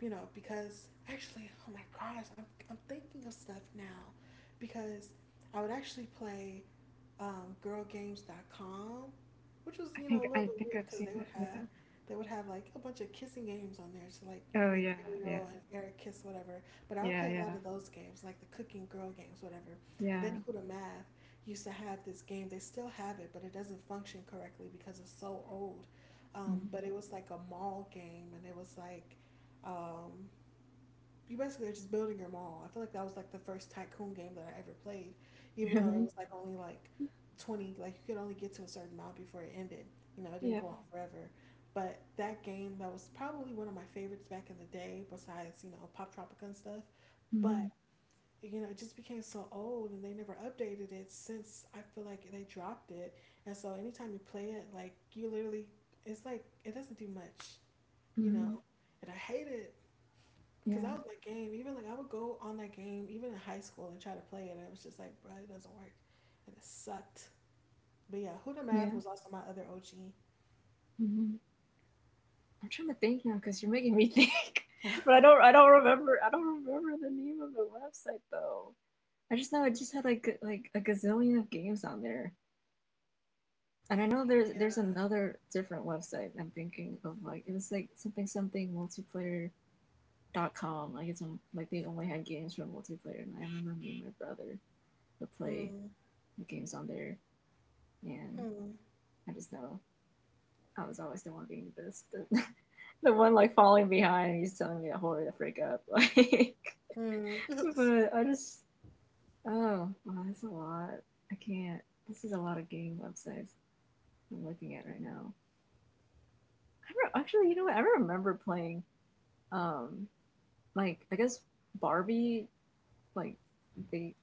Speaker 1: because actually, oh my gosh, I'm thinking of stuff now because I would actually play girlgames.com, which was a little
Speaker 2: I
Speaker 1: bit
Speaker 2: think
Speaker 1: weird
Speaker 2: I've
Speaker 1: because
Speaker 2: seen
Speaker 1: they would
Speaker 2: that.
Speaker 1: have
Speaker 2: Yeah.
Speaker 1: like a bunch of kissing games on there to like
Speaker 2: Oh
Speaker 1: make
Speaker 2: yeah, yeah,
Speaker 1: Ariel and Eric kiss whatever. But I would
Speaker 2: yeah,
Speaker 1: play a lot
Speaker 2: yeah,
Speaker 1: of those games like the cooking girl games whatever. And then
Speaker 2: yeah.
Speaker 1: Huda Math used to have this game. They still have it, but it doesn't function correctly because it's so old. But
Speaker 2: Hmm.
Speaker 1: it was like a mall game, and it was like um, you basically are just building your mall. I feel like that was like the first tycoon game that I ever played, even though it
Speaker 2: Really?
Speaker 1: was like only like 20, like you could only get to a certain amount before it ended. You know, it didn't
Speaker 2: Yeah.
Speaker 1: go on forever. But that game, that was probably one of my favorites back in the day, besides, Pop Tropica and stuff. But,
Speaker 2: Hmm.
Speaker 1: it just became so old and they never updated it since I feel like they dropped it. And so anytime you play it, like you literally, it's like, it doesn't do much, you
Speaker 2: Hmm.
Speaker 1: know. And I hate it. Cause that
Speaker 2: Yeah.
Speaker 1: was my game. Even like I would go on that game, even in high school, and try to play it, and it was just like, bro, it doesn't work, and it sucked. But yeah, Huda
Speaker 2: Yeah.
Speaker 1: Math was also my other OG.
Speaker 2: Hmm. I'm trying to think now because you're making me think. [laughs] But I
Speaker 1: [laughs]
Speaker 2: don't remember the name of the website though. I just know it just had like a gazillion of games on there. And I know there's
Speaker 1: Yeah.
Speaker 2: another different website I'm thinking of like it was like something something multiplayer.com. Like it's on, like they only had games for multiplayer and I remember me and my brother would play
Speaker 1: Mm.
Speaker 2: the games on there and
Speaker 1: Hmm.
Speaker 2: I just know I was always the one being the best. The, [laughs] the one like falling behind and he's telling me to hurry to freak up. [laughs]
Speaker 1: Hmm.
Speaker 2: Like
Speaker 1: [laughs]
Speaker 2: but I just oh wow, that's a lot. I can't this is a lot of game websites I'm looking at right now. I actually you know what I remember playing. Um, like I guess Barbie, like they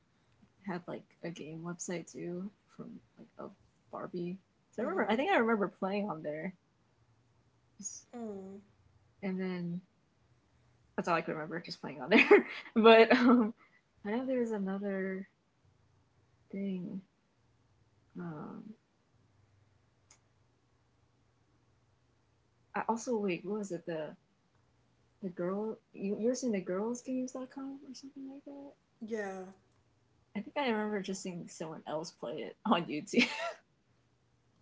Speaker 2: had like a game website too from like of Barbie. So I remember, I
Speaker 1: Mm-hmm.
Speaker 2: think I remember playing on there, just-
Speaker 1: Hmm.
Speaker 2: and then that's all I could remember, just playing on there. [laughs] But I know there was another thing. Um, I also wait, what was it? The girl you were seeing the girlsgames.com or something like that.
Speaker 1: Yeah.
Speaker 2: I think I remember just seeing someone else play it on YouTube. [laughs]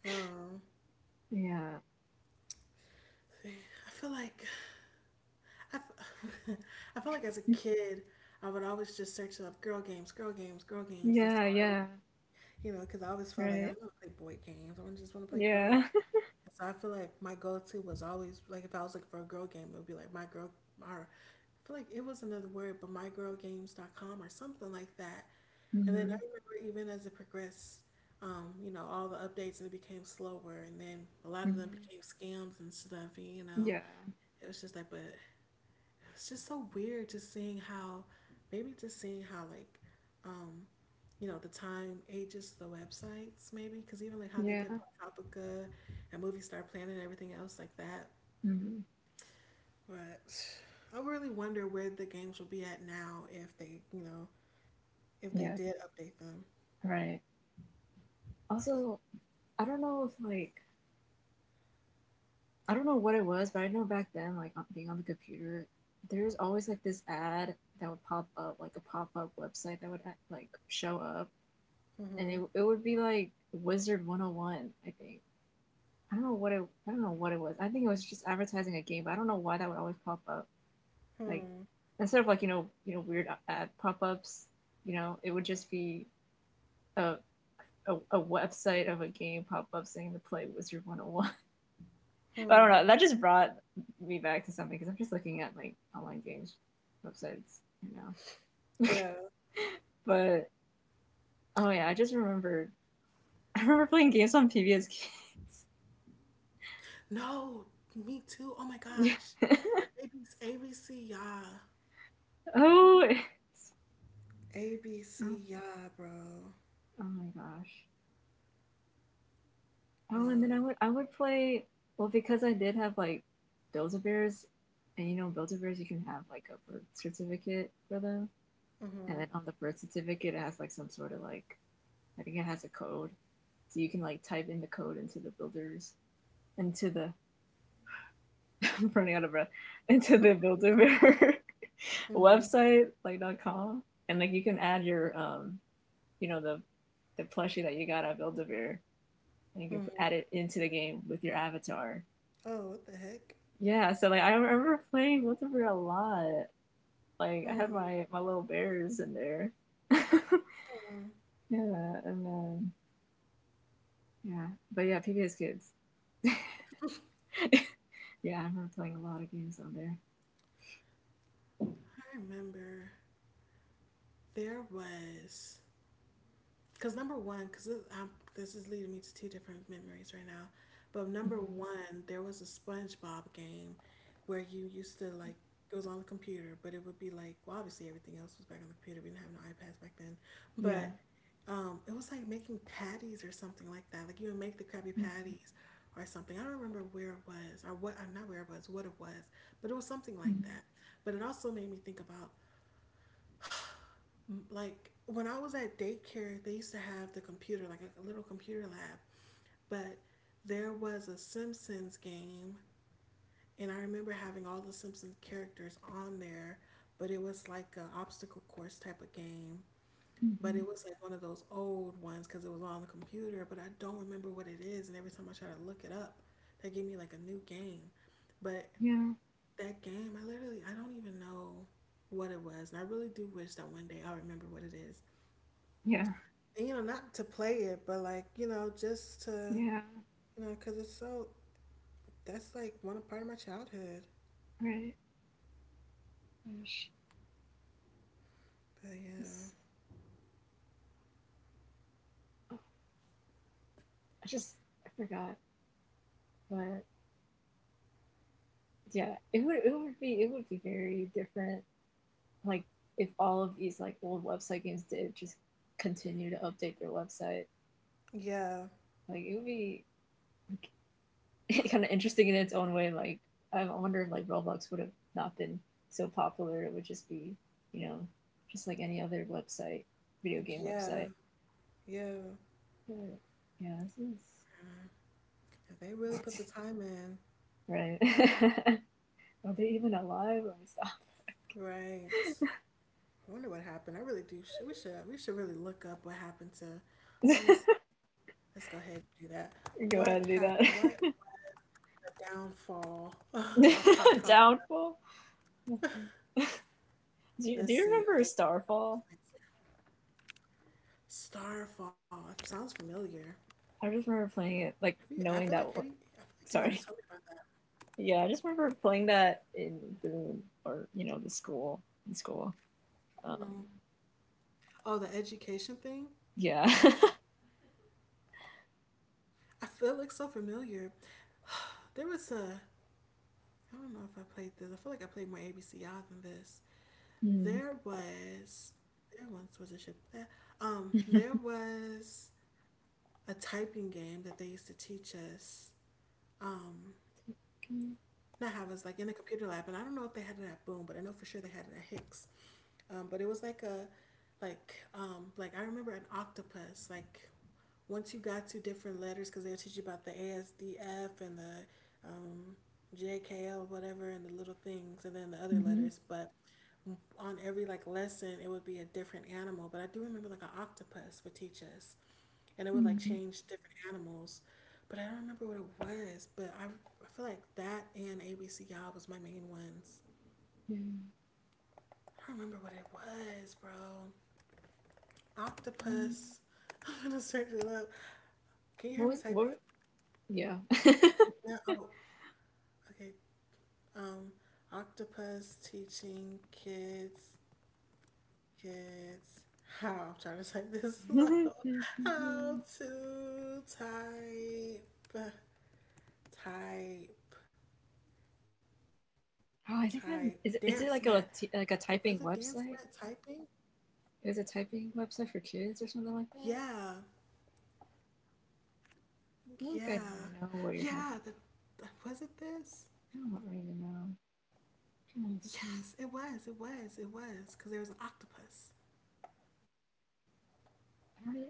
Speaker 1: Um.
Speaker 2: Yeah,
Speaker 1: See, I feel like I, f- [laughs] I feel like as a kid, I would always just search up girl games, girl games, girl games, and so
Speaker 2: yeah,
Speaker 1: I would,
Speaker 2: yeah.
Speaker 1: because I always felt like I
Speaker 2: Right.
Speaker 1: don't want to play boy games. Just want to play girl.
Speaker 2: Yeah. [laughs]
Speaker 1: So I feel like my go-to was always like if I was looking for a girl game, it would be like my girl or I feel like it was another word, but mygirlgames.com or something like that. And then I
Speaker 2: Hmm.
Speaker 1: remember even as it progressed, all the updates and it became slower and then a lot of them
Speaker 2: Hmm.
Speaker 1: became scams and stuff, and, you know.
Speaker 2: Yeah.
Speaker 1: It was just like, but it's just so weird just seeing how maybe just seeing how like um the time ages the websites, maybe because even like how they did
Speaker 2: Yeah.
Speaker 1: Pop Tropica and Movie Star Planet and everything else like that.
Speaker 2: Hmm.
Speaker 1: But I really wonder where the games will be at now if they, if they
Speaker 2: Yeah,
Speaker 1: did update them.
Speaker 2: right. Also, I don't know if like I don't know what it was, but I know back then, like on- being on the computer, there was always like this ad that would pop up, like a pop up website that would like show up, and it would be like Wizard 101, I think. I don't know what it I don't know what it was. I think it was just advertising a game, but I don't know why that would always pop up. Like instead of like you know weird ad pop ups, you know it would just be a a website of a game pop up saying to play Wizard 101. [laughs] I don't know. That just brought me back to something because I'm just looking at like online games websites right now.
Speaker 1: Yeah.
Speaker 2: [laughs] But oh yeah, I just remembered. [laughs] I remember playing games on PB as kids.
Speaker 1: No, me too, oh my
Speaker 2: [laughs] Yeah.
Speaker 1: gosh.
Speaker 2: [laughs]
Speaker 1: And ABC, yeah.
Speaker 2: Oh, it's-
Speaker 1: ABC,
Speaker 2: oh,
Speaker 1: yeah, bro.
Speaker 2: oh my gosh. Oh, and
Speaker 1: No.
Speaker 2: then I would play well because I did have like Build-A-Bears, and you know Build-A-Bears you can have like a birth certificate for them, and then on the birth certificate it has like some sort of like I think it has a code, so you can like type in the code into the builders into the [laughs] I'm running out of breath into the builder bear [laughs]
Speaker 1: Hmm.
Speaker 2: website like .com and like you can add your you know the plushie that you got at builder bear and you can
Speaker 1: Hmm.
Speaker 2: add it into the game with your avatar.
Speaker 1: Oh, what the heck.
Speaker 2: Yeah, so like I remember playing Builder bear a lot. Like I had
Speaker 1: Hmm.
Speaker 2: my little bears in there. [laughs] Yeah,
Speaker 1: Mm.
Speaker 2: and then yeah, but yeah, PBS Kids. Yeah, I remember playing a lot of games on there.
Speaker 1: I remember there was, because number one, because this is leading me to two different memories right now. But number
Speaker 2: Mhm.
Speaker 1: one, there was a SpongeBob game where you used to like, it was on the computer, but it would be like, well, obviously everything else was back on the computer. We didn't have no iPads back then,
Speaker 2: Yeah.
Speaker 1: but it was like making patties or something like that. Like you would make the Krabby
Speaker 2: Mhm.
Speaker 1: Patties or something. I don't remember where it was or what, not where it was, what it was, but it was something like
Speaker 2: Mhm.
Speaker 1: that. But it also made me think about, like when I was at daycare, they used to have the computer, like a little computer lab, but there was a Simpsons game, and I remember having all the Simpsons characters on there, but it was like a obstacle course type of game. But it
Speaker 2: Mhm.
Speaker 1: was like one of those old ones because it was on the computer, but I don't remember what it is. And every time I try to look it up, they give me like a new game. But
Speaker 2: Yeah.
Speaker 1: that game, I literally, I don't even know what it was. And I really do wish that one day I remember what it is.
Speaker 2: Yeah.
Speaker 1: And not to play it, but like, you know, just to,
Speaker 2: Yeah.
Speaker 1: you know, because it's so, that's like one part of my childhood.
Speaker 2: Right. Gosh.
Speaker 1: But yeah.
Speaker 2: It's, oh, I just I forgot, but yeah, it would be it would be very different. Like if all of these like old website games did just continue to update their website,
Speaker 1: Yeah.
Speaker 2: like it would be like, [laughs] kind of interesting in its own way. Like I wonder if like Roblox would have not been so popular. It would just be you know just like any other website, video game website.
Speaker 1: Yeah. Yeah.
Speaker 2: Right. Yeah,
Speaker 1: If they really
Speaker 2: this
Speaker 1: put the
Speaker 2: is
Speaker 1: time in.
Speaker 2: [laughs] right. [laughs] Are they even alive? Let
Speaker 1: Right. I wonder what happened. I really do. We should, really look up what happened to,
Speaker 2: me stop.
Speaker 1: honestly,
Speaker 2: [laughs]
Speaker 1: let's go ahead and do that. What
Speaker 2: Go ahead and
Speaker 1: happened? What
Speaker 2: do
Speaker 1: was the downfall [laughs] of Pop
Speaker 2: that.
Speaker 1: Tropica?
Speaker 2: [laughs] Downfall. [laughs] Do you, do
Speaker 1: Let's
Speaker 2: you
Speaker 1: see. I
Speaker 2: remember
Speaker 1: think that's next.
Speaker 2: Starfall?
Speaker 1: Starfall. It sounds familiar.
Speaker 2: I just remember playing
Speaker 1: Have you?
Speaker 2: it,
Speaker 1: I
Speaker 2: like
Speaker 1: feel like, have you?
Speaker 2: knowing that.
Speaker 1: I feel
Speaker 2: W-
Speaker 1: like you might have told me about
Speaker 2: sorry.
Speaker 1: that.
Speaker 2: Yeah, I just remember playing that in Boone or you know the school in school. Um.
Speaker 1: Oh, the education thing.
Speaker 2: Yeah. [laughs]
Speaker 1: I feel like so familiar. There was a. I don't know if I played this. I feel like I played more ABC Y'all than this.
Speaker 2: mm.
Speaker 1: There was. There once was a ship. There
Speaker 2: [laughs]
Speaker 1: was a typing game that they used to teach us. Um,
Speaker 2: mm-hmm.
Speaker 1: Not Havas, like in the computer lab, and I don't know if they had it at Boom, but I know for sure they had it at Hicks. But it was like like I remember an octopus. Like once you got to different letters, because they would teach you about the ASDF and the, um, JKL, whatever, and the little things, and then the other letters. But on every like lesson, it would be a different animal. But I do remember like an octopus would teach us, and it would like
Speaker 2: Mm-hmm.
Speaker 1: change different animals. But I don't remember what it was. But I feel like that and ABC was my main ones.
Speaker 2: Yeah. Mm.
Speaker 1: I don't remember what it was, bro. Octopus. [laughs] I'm gonna search it up. Can you
Speaker 2: What
Speaker 1: hear me
Speaker 2: was what?
Speaker 1: typing?
Speaker 2: Yeah. [laughs]
Speaker 1: Yeah. Oh, okay. Um, octopus teaching kids how, I'm trying to type this slow. [laughs]
Speaker 2: [laughs]
Speaker 1: How to type,
Speaker 2: Oh,
Speaker 1: type. Dance
Speaker 2: is it, is
Speaker 1: mat.
Speaker 2: it like a
Speaker 1: Was it
Speaker 2: typing
Speaker 1: dance mat
Speaker 2: website?
Speaker 1: typing?
Speaker 2: Is it a typing website for kids or something like
Speaker 1: Yeah,
Speaker 2: that? I feel like I
Speaker 1: yeah,
Speaker 2: know what you're talking
Speaker 1: yeah. Was it
Speaker 2: about. I don't
Speaker 1: this?
Speaker 2: really even know. I'm trying to see.
Speaker 1: Yes, it was. It was. It was. Cause there was an octopus.
Speaker 2: I don't really.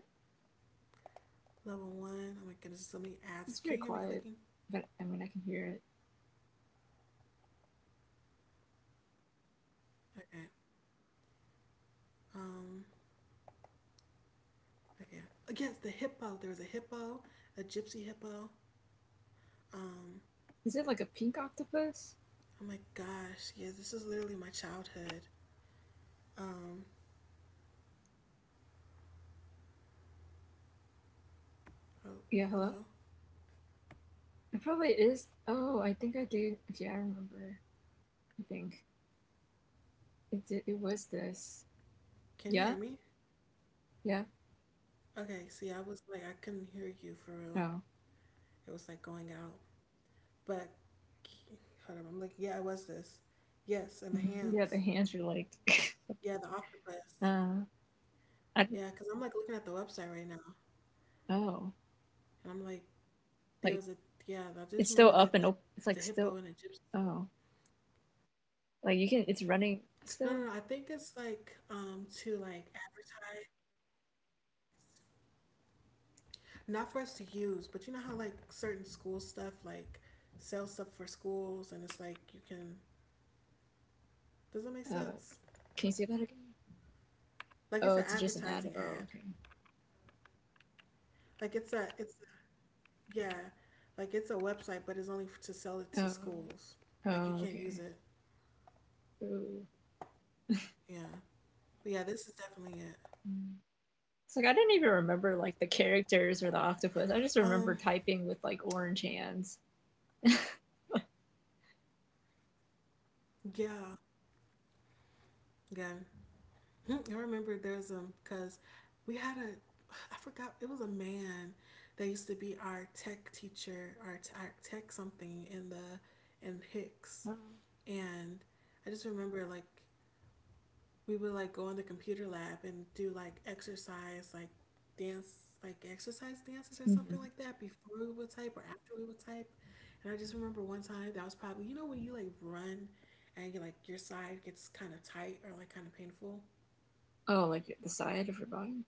Speaker 1: Level one. Oh my goodness, so many ads. Can you hear me
Speaker 2: It's very
Speaker 1: clicking?
Speaker 2: quiet, but I mean I can hear it.
Speaker 1: Okay. Um. Okay. Yes, the hippo. There was a hippo, a gypsy hippo. Um,
Speaker 2: Is it like a pink octopus?
Speaker 1: I'm like, gosh, yeah, this is literally my childhood. Um, oh,
Speaker 2: Yeah, hello.
Speaker 1: hello?
Speaker 2: It probably is. Oh, I think I did. Yeah, I remember. I think it was this.
Speaker 1: Can you
Speaker 2: Yeah,
Speaker 1: hear me?
Speaker 2: yeah.
Speaker 1: Okay, see, I was like, I couldn't hear you for real.
Speaker 2: No.
Speaker 1: It was like going out. But hold up, I'm like, yeah, it was this. Yes, and the
Speaker 2: Hmm. Yeah, the
Speaker 1: hams.
Speaker 2: hands are like. [laughs]
Speaker 1: Yeah, the octopus.
Speaker 2: uh, I don't.
Speaker 1: Yeah, because I'm like looking at the website right now,
Speaker 2: Oh,
Speaker 1: and I'm like, there
Speaker 2: like
Speaker 1: was a, yeah, I just
Speaker 2: it's still
Speaker 1: remember
Speaker 2: up and open. It's
Speaker 1: the
Speaker 2: like still
Speaker 1: hippo and the gypsy.
Speaker 2: oh like you can It's running
Speaker 1: No, no,
Speaker 2: still.
Speaker 1: no, I think it's like, to like advertise. Not for us to use, but you know how like certain school stuff like sell stuff for schools and it's like you can, does that make sense?
Speaker 2: Uh, can you see that again?
Speaker 1: Like it's an
Speaker 2: Oh, it's just
Speaker 1: advertising
Speaker 2: an ad.
Speaker 1: ad.
Speaker 2: Oh, okay.
Speaker 1: Like it's a it's Yeah, like it's a website but it's only to sell it to
Speaker 2: Oh,
Speaker 1: schools. Like you
Speaker 2: oh,
Speaker 1: can't
Speaker 2: okay.
Speaker 1: use it.
Speaker 2: Ooh.
Speaker 1: Yeah. But yeah, this is definitely it.
Speaker 2: Mm. It's like I didn't even remember like the characters or the
Speaker 1: Um
Speaker 2: octopus. I just remember typing with like orange hands.
Speaker 1: yeah. Yeah. I remember there's because we had a, I forgot it was a man that used to be our tech teacher, our tech something in the in Hicks,
Speaker 2: Oh.
Speaker 1: and I just remember like we would like go in the computer lab and do like exercise, like dance, like exercise dances or something
Speaker 2: Mhm.
Speaker 1: like that before we would type or after we would type. And I just remember one time that was probably, you know, when you like run and you like your side gets kind of tight or like kind of painful.
Speaker 2: Oh, like the side of her body?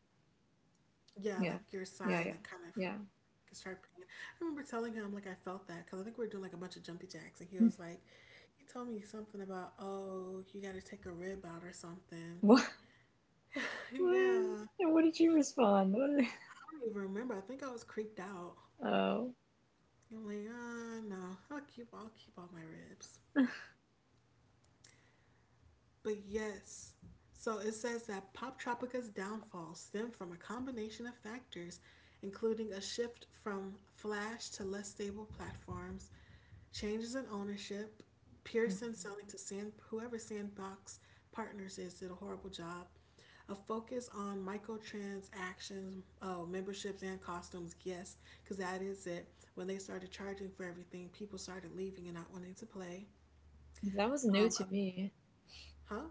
Speaker 1: Yeah,
Speaker 2: Yeah.
Speaker 1: like your
Speaker 2: Yeah,
Speaker 1: side,
Speaker 2: yeah.
Speaker 1: like kind of
Speaker 2: Yeah.
Speaker 1: can start pain. I remember telling him like I felt that because I think we were doing like a bunch of jumpy jacks, and he was
Speaker 2: [laughs]
Speaker 1: like, he told me something about, oh, you got to take a rib out or something.
Speaker 2: What?
Speaker 1: [laughs] Yeah,
Speaker 2: What?
Speaker 1: I
Speaker 2: And what did you respond? What? [laughs]
Speaker 1: don't even remember. I think I was creeped out.
Speaker 2: Oh.
Speaker 1: I'm like, ah, no, I'll keep all my ribs. But yes, so it says that Pop Tropica's downfall stemmed from a combination of factors, including a shift from Flash to less stable platforms, changes in ownership,
Speaker 2: Uh,
Speaker 1: Pearson selling to Sand, whoever Sandbox Partners is, did a horrible job, a focus on microtransactions, oh, memberships and costumes, yes, because that is it. When they started charging for everything, people started leaving and not wanting to play.
Speaker 2: That was new
Speaker 1: Um,
Speaker 2: to
Speaker 1: uh,
Speaker 2: me.
Speaker 1: huh?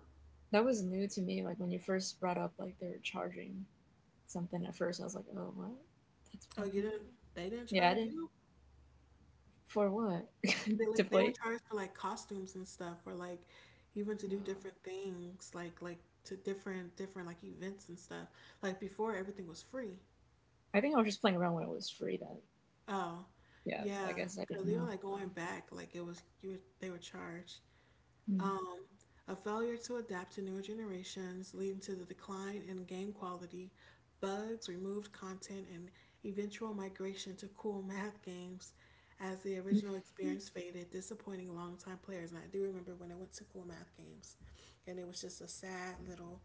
Speaker 2: That was new to me. Like when you first brought up like they were charging something at first, I was like, oh, what? That's
Speaker 1: Oh,
Speaker 2: popped
Speaker 1: you
Speaker 2: up
Speaker 1: didn't?
Speaker 2: again.
Speaker 1: They didn't
Speaker 2: Yeah, I
Speaker 1: charge
Speaker 2: didn't.
Speaker 1: you?
Speaker 2: For what?
Speaker 1: They
Speaker 2: [laughs] To
Speaker 1: like they were
Speaker 2: play?
Speaker 1: charged for like costumes and stuff, or like even to do
Speaker 2: Oh.
Speaker 1: different things, like to different like events and stuff. Like before, everything was free.
Speaker 2: I think I was just playing around when it was free then.
Speaker 1: Oh,
Speaker 2: Yeah, I
Speaker 1: yeah,
Speaker 2: guess I didn't
Speaker 1: because
Speaker 2: know.
Speaker 1: even like
Speaker 2: Wow.
Speaker 1: going back, like it was you. Were, they were charged.
Speaker 2: Mm.
Speaker 1: Um, a failure to adapt to newer generations, leading to the decline in game quality, bugs, removed content, and eventual migration to cool [laughs] math games as the original experience faded, disappointing longtime players. And I do remember when I went to cool math games, and it was just a sad little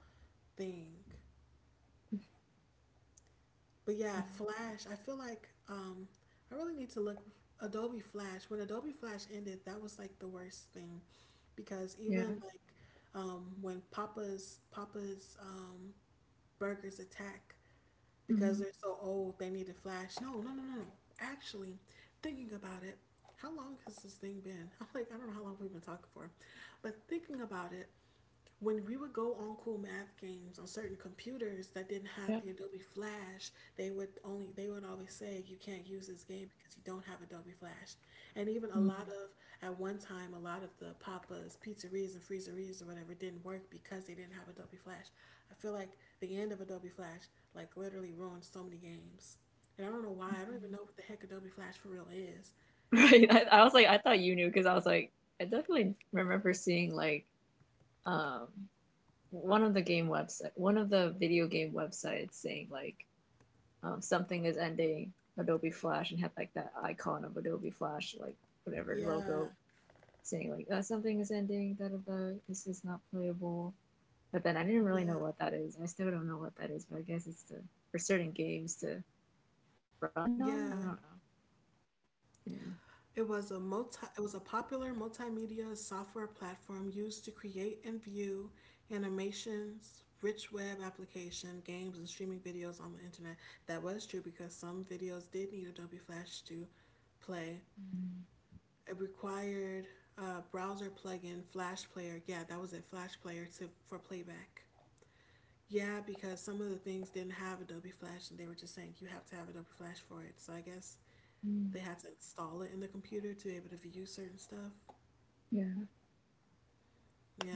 Speaker 1: thing. But
Speaker 2: [laughs]
Speaker 1: yeah,
Speaker 2: Yeah.
Speaker 1: Flash. I feel like I really need to look. Adobe Flash. When Adobe Flash ended, that was like the worst thing, because
Speaker 2: Yeah.
Speaker 1: even like when Papa's burgers attack, because
Speaker 2: Mhm.
Speaker 1: they're so old, they needed Flash. No. Actually, thinking about it, how long has this thing been? [laughs] I'm like, I don't know how long we've been talking for, but thinking about it when we would go on cool math games on certain computers that didn't have
Speaker 2: Yeah.
Speaker 1: the Adobe Flash, they would always say you can't use this game because you don't have Adobe Flash. And even a
Speaker 2: Mm. [laughs]
Speaker 1: lot of at one time a lot of the papas, pizzerias and freezerias or whatever didn't work because they didn't have Adobe Flash. I feel like the end of Adobe Flash like literally ruined so many games. And I don't know why. I don't even know what the heck Adobe Flash for real is.
Speaker 2: Right. I was like, I thought you knew because I was like, I definitely remember seeing like um one of the video game websites saying like something is ending Adobe Flash and have like that icon of Adobe Flash, like whatever logo
Speaker 1: Yeah,
Speaker 2: saying like something is ending, da da da, this is not playable. But then I didn't really
Speaker 1: yeah,
Speaker 2: know what that is. I still don't know what that is, but I guess it's to, for certain games to run on. I
Speaker 1: yeah.
Speaker 2: don't know. Yeah.
Speaker 1: It was a multi it was a popular multimedia software platform used to create and view animations, rich web application, games and streaming videos on the internet. That was true because some videos did need Adobe Flash to play. It required a browser plugin, Flash Player. Yeah, that was it, Flash Player to for playback. Yeah, because some of the things didn't have Adobe Flash and they were just saying you have to have Adobe Flash for it. So I guess
Speaker 2: Mm.
Speaker 1: they had to install it in the computer to be able to view certain stuff.
Speaker 2: Yeah.
Speaker 1: Yeah.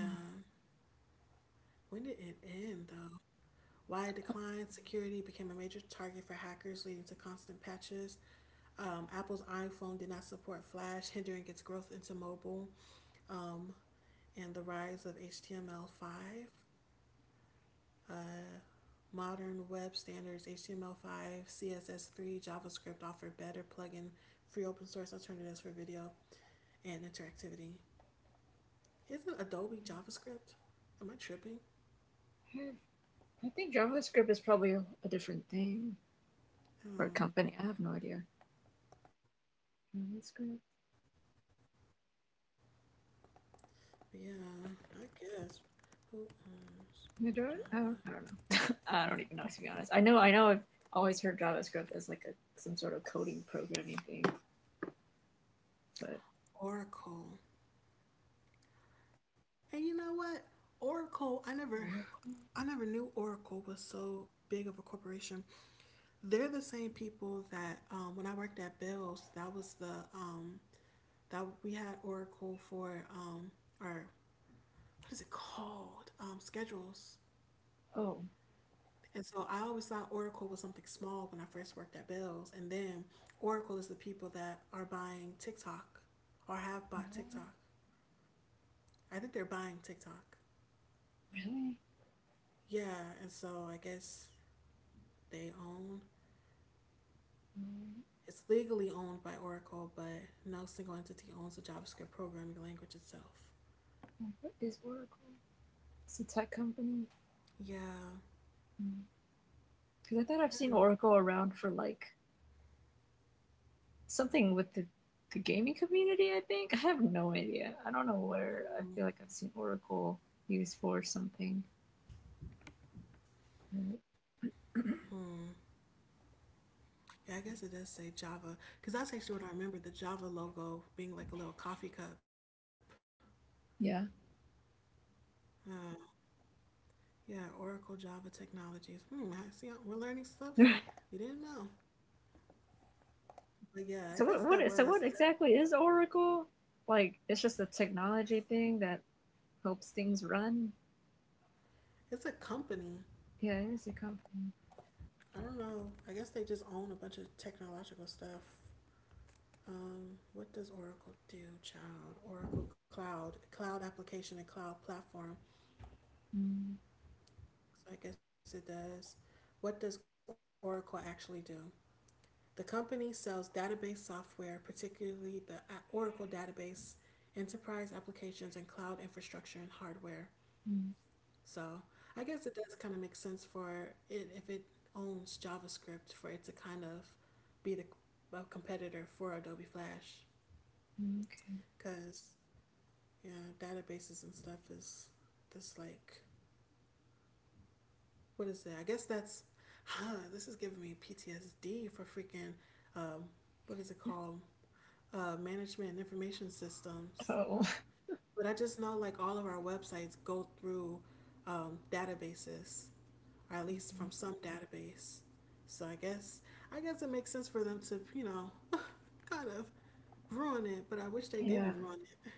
Speaker 1: When did it end though? Why it declined? Security became a major target for hackers, leading to constant patches. Apple's iPhone did not support Flash, hindering its growth into mobile. Um, and the rise of HTML5. Uh, Modern web standards, HTML5, CSS3, JavaScript offer better plugin free open source alternatives for video and interactivity. Isn't Adobe JavaScript? Am I tripping?
Speaker 2: I have- I think JavaScript is probably a different thing or a
Speaker 1: Um,
Speaker 2: company. I have no idea. JavaScript.
Speaker 1: yeah, I guess. Who owns Java?
Speaker 2: Madrid? I don't know. [laughs] I don't even know to be honest. I know I've always heard JavaScript as like a some sort of coding programming thing, but
Speaker 1: Oracle. And you know what? Oracle,
Speaker 2: Oracle?
Speaker 1: I never knew Oracle was so big of a corporation. They're the same people that when I worked at Bill's, that was the that we had Oracle for our what is it called? Schedules.
Speaker 2: Oh
Speaker 1: And so I always thought Oracle was something small when I first worked at Bell's. And then Oracle is the people that are buying TikTok or have bought TikTok. I think they're buying TikTok.
Speaker 2: really?
Speaker 1: Yeah, and so I guess they own
Speaker 2: Mm.
Speaker 1: it's legally owned by Oracle, but no single entity owns the JavaScript programming language itself.
Speaker 2: What is Oracle? It's a tech company.
Speaker 1: Yeah.
Speaker 2: Mm. Because I thought I've seen Oracle around for like something with the gaming community. I think I have no idea. I don't know where. I feel
Speaker 1: Hmm.
Speaker 2: like I've seen Oracle used for something.
Speaker 1: Hmm. Yeah, I guess it does say Java because that's actually what I remember the Java logo being like a little coffee cup.
Speaker 2: Yeah.
Speaker 1: Uh, Yeah, Oracle Java Technologies. Hmm, I see. We're learning stuff
Speaker 2: [laughs]
Speaker 1: we
Speaker 2: I
Speaker 1: didn't know. But yeah, I
Speaker 2: So
Speaker 1: guess that was.
Speaker 2: what exactly is Oracle? Like it's just a technology thing that helps things run.
Speaker 1: It's a company.
Speaker 2: Yeah, it is a company.
Speaker 1: I don't know. I guess they just own a bunch of technological stuff. What does Oracle do, child? Oracle Cloud, cloud application and cloud platform.
Speaker 2: mm
Speaker 1: So I guess it does. What does Oracle actually do? The company sells database software, particularly the Oracle database, enterprise applications, and cloud infrastructure and hardware.
Speaker 2: mm,
Speaker 1: So I guess it does kind of make sense for it if it owns JavaScript for it to kind of be the a competitor for Adobe Flash
Speaker 2: Okay.
Speaker 1: because yeah, databases and stuff is just like what is it? I guess that's huh, this is giving me PTSD for freaking um, what is it called? Management and information systems.
Speaker 2: Oh.
Speaker 1: But I just know like all of our websites go through databases or at least
Speaker 2: Mhm.
Speaker 1: from some database. So I guess it makes sense for them to, you know, [laughs] kind of ruin it, but I wish they didn't
Speaker 2: Yeah.
Speaker 1: ruin it.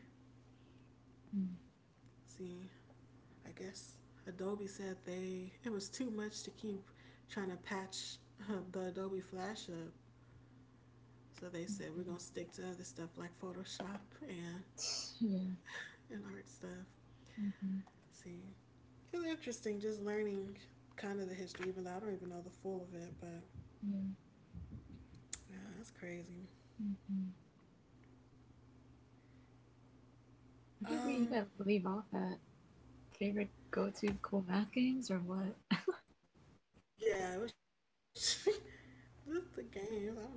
Speaker 2: mm
Speaker 1: See, I guess Adobe said they it was too much to keep trying to patch the Adobe Flash up. So they said we're
Speaker 2: mhm.
Speaker 1: going to stick to other stuff like Photoshop
Speaker 2: Yeah.
Speaker 1: and art stuff.
Speaker 2: Hmm.
Speaker 1: See, it's interesting just learning kind of the history, even though I don't even know the full of it, but
Speaker 2: Yeah.
Speaker 1: yeah, that's crazy.
Speaker 2: hmm Where did we
Speaker 1: Um,
Speaker 2: even leave off at? Favorite go-to cool math games or what?
Speaker 1: Yeah, it was [laughs] this the games. I don't know how we just talk, talking about gaming.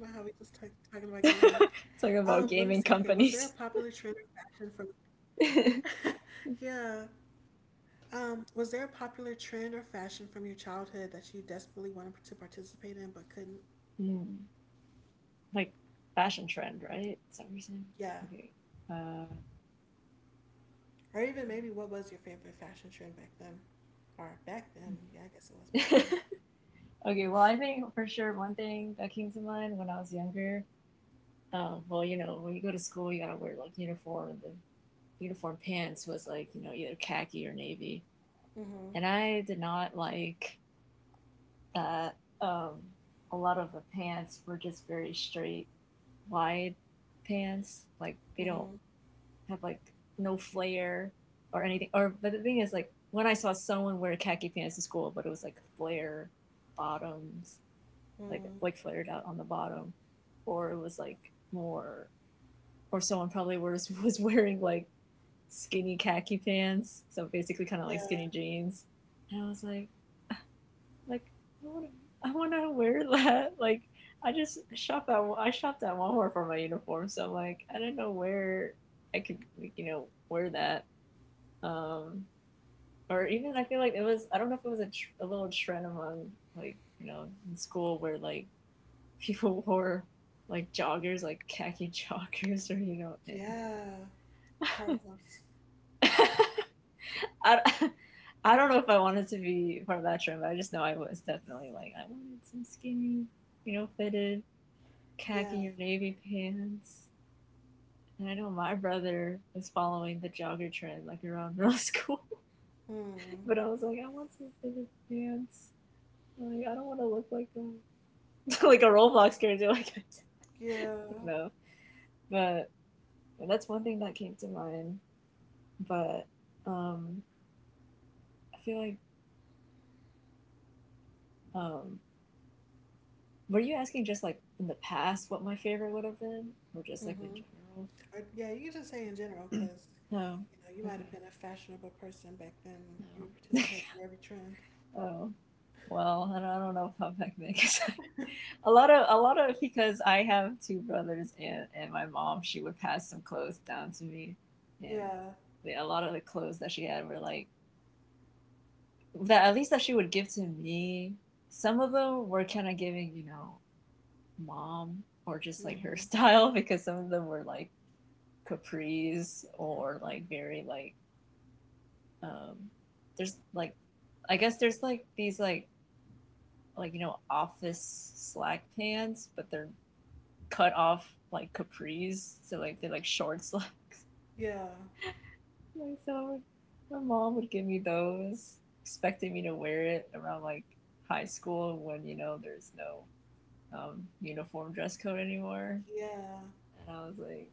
Speaker 1: Let me see. Okay, was there a
Speaker 2: [laughs] Talking
Speaker 1: popular
Speaker 2: about
Speaker 1: trend or
Speaker 2: gaming
Speaker 1: fashion from?
Speaker 2: companies.
Speaker 1: Yeah.
Speaker 2: [laughs]
Speaker 1: Was there a popular trend or fashion from your childhood that you desperately wanted to participate in but couldn't?
Speaker 2: Hmm. Like fashion trend, right? Is that what you're
Speaker 1: Yeah.
Speaker 2: saying? Okay. Uh,
Speaker 1: Or even maybe what was your favorite fashion trend back then? Or back then? Yeah, I guess it was back then.
Speaker 2: mm, [laughs] Okay, well, I think for sure one thing that came to mind when I was younger, well, when you go to school, you gotta wear like uniform, the uniform pants was like, either khaki or navy.
Speaker 1: Mhm.
Speaker 2: And I did not like that. um, a lot of the pants were just very straight, wide pants. Like they don't
Speaker 1: Mhm.
Speaker 2: have like no flare or anything. But the thing is, like, when I saw someone wear khaki pants to school, but it was like flare bottoms like
Speaker 1: Mm.
Speaker 2: like flared out on the bottom, or it was like more, or someone probably was [laughs] was wearing like skinny khaki pants, so basically kind of like
Speaker 1: Yeah.
Speaker 2: skinny jeans, and I was like, like I want to wear [laughs] that. Like I just shopped at Walmart for my uniform, so I'm like I didn't know where I could like, wear that. Um, or even I feel like it was I don't know if it was a little trend among like in school where like people wore like joggers, like khaki [laughs] joggers, or you know, [laughs]
Speaker 1: Yeah. Carlos.
Speaker 2: I, I don't know if I wanted to be part of that trend, but I just know I was definitely like I wanted some skinny, fitted
Speaker 1: Yeah.
Speaker 2: khaki or navy pants. And I know my brother was following the jogger trend like around middle school, [laughs]
Speaker 1: Hmm.
Speaker 2: but I was like, I want some fitted pants. I'm like I don't want to look like a [laughs] like a Roblox character. Like [laughs] I
Speaker 1: Yeah.
Speaker 2: don't know, but and that's one thing that came to mind. But um, I feel like um, were you asking just like in the past what my favorite would have been, or just like in
Speaker 1: Mhm. Or, yeah, you can just say in general
Speaker 2: general? [clears throat]
Speaker 1: because
Speaker 2: No.
Speaker 1: you know you might have
Speaker 2: Okay.
Speaker 1: been a fashionable person back then. You
Speaker 2: No.
Speaker 1: would participate in every trend.
Speaker 2: Oh. Well, I don't know if I'm back then 'cause [laughs] a lot of because I have two brothers and my mom she would pass some clothes down to me and
Speaker 1: Yeah.
Speaker 2: yeah, a lot of the clothes that she had were like that at least that she would give to me. Some of them were kind of giving mom or just like her [laughs]
Speaker 1: Mhm.
Speaker 2: style because some of them were like capris or like very like um there's like I guess there's like these like office slack pants but they're cut off like capris so like they're like short slacks
Speaker 1: Yeah.
Speaker 2: [laughs] like so my mom would give me those expecting me to wear it around like high school when there's no uniform dress code anymore.
Speaker 1: Yeah.
Speaker 2: And I was like,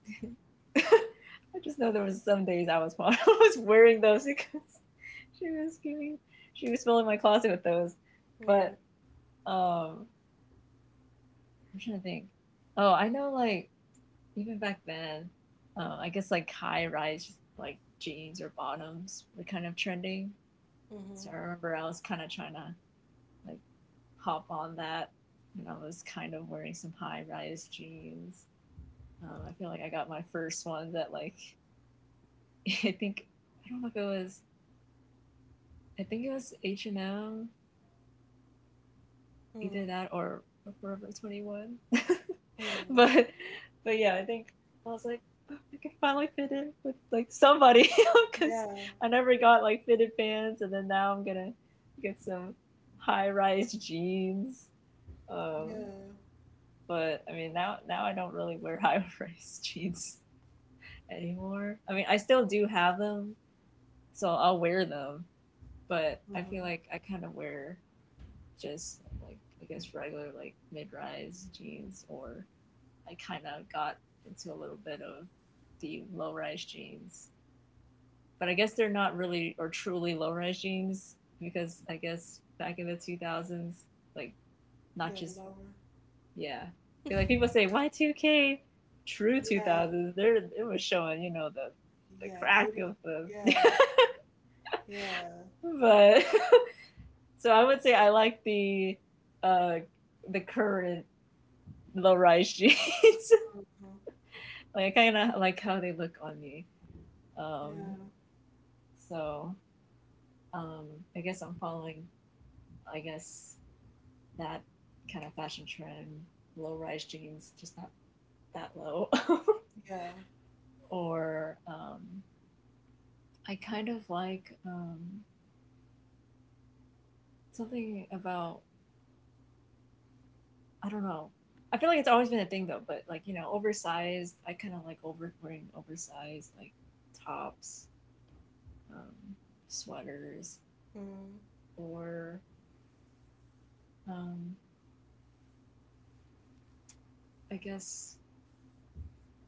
Speaker 2: [laughs] I just know there was some days I was [laughs] I was wearing those because [laughs] she was giving she was filling my closet with those.
Speaker 1: Mm.
Speaker 2: But um, I'm trying to think. Oh, I know like even back then, I guess like high rise like jeans or bottoms were kind of trending.
Speaker 1: Mhm.
Speaker 2: So I remember I was kind of trying to like hop on that, and I was kind of wearing some high rise jeans. I feel like I got my first ones at like [laughs] I think I don't know if it was I think it was H&M, either
Speaker 1: Mm.
Speaker 2: that or Forever 21. [laughs]
Speaker 1: Mm.
Speaker 2: but but yeah, I think I was like, "Oh, I can finally fit in with like somebody because
Speaker 1: Yeah.
Speaker 2: [laughs] I never got like fitted pants, and then now I'm gonna get some high rise jeans. Um,
Speaker 1: Yeah.
Speaker 2: but I mean now I don't really wear [laughs] high rise jeans anymore. I mean I still do have them, so I'll wear them. But I
Speaker 1: Mhm.
Speaker 2: feel like I kind of wear just like I guess regular like mid-rise jeans, or I kind of got into a little bit of the low-rise jeans. But I guess they're not really or truly low-rise jeans because I guess back in the 2000s, like not
Speaker 1: They were
Speaker 2: just
Speaker 1: lower.
Speaker 2: yeah, like people say Y2K, true
Speaker 1: Yeah.
Speaker 2: 2000s. There it was showing the
Speaker 1: Yeah.
Speaker 2: crack
Speaker 1: Booty.
Speaker 2: of the
Speaker 1: Yeah. Yeah.
Speaker 2: [laughs] but [laughs] so I would say I like uh the current low-rise jeans. [laughs]
Speaker 1: Mhm.
Speaker 2: Like I kind of like how they look on me. Um,
Speaker 1: Yeah.
Speaker 2: so um, I guess I'm following. I guess that kind of fashion trend, low-rise jeans, just not that low.
Speaker 1: Yeah.
Speaker 2: [laughs] Or I kind of like something about I don't know. I feel like it's always been a thing though, but like oversized. I kind of like over wearing oversized like tops, um, sweaters,
Speaker 1: Mm.
Speaker 2: or um, I guess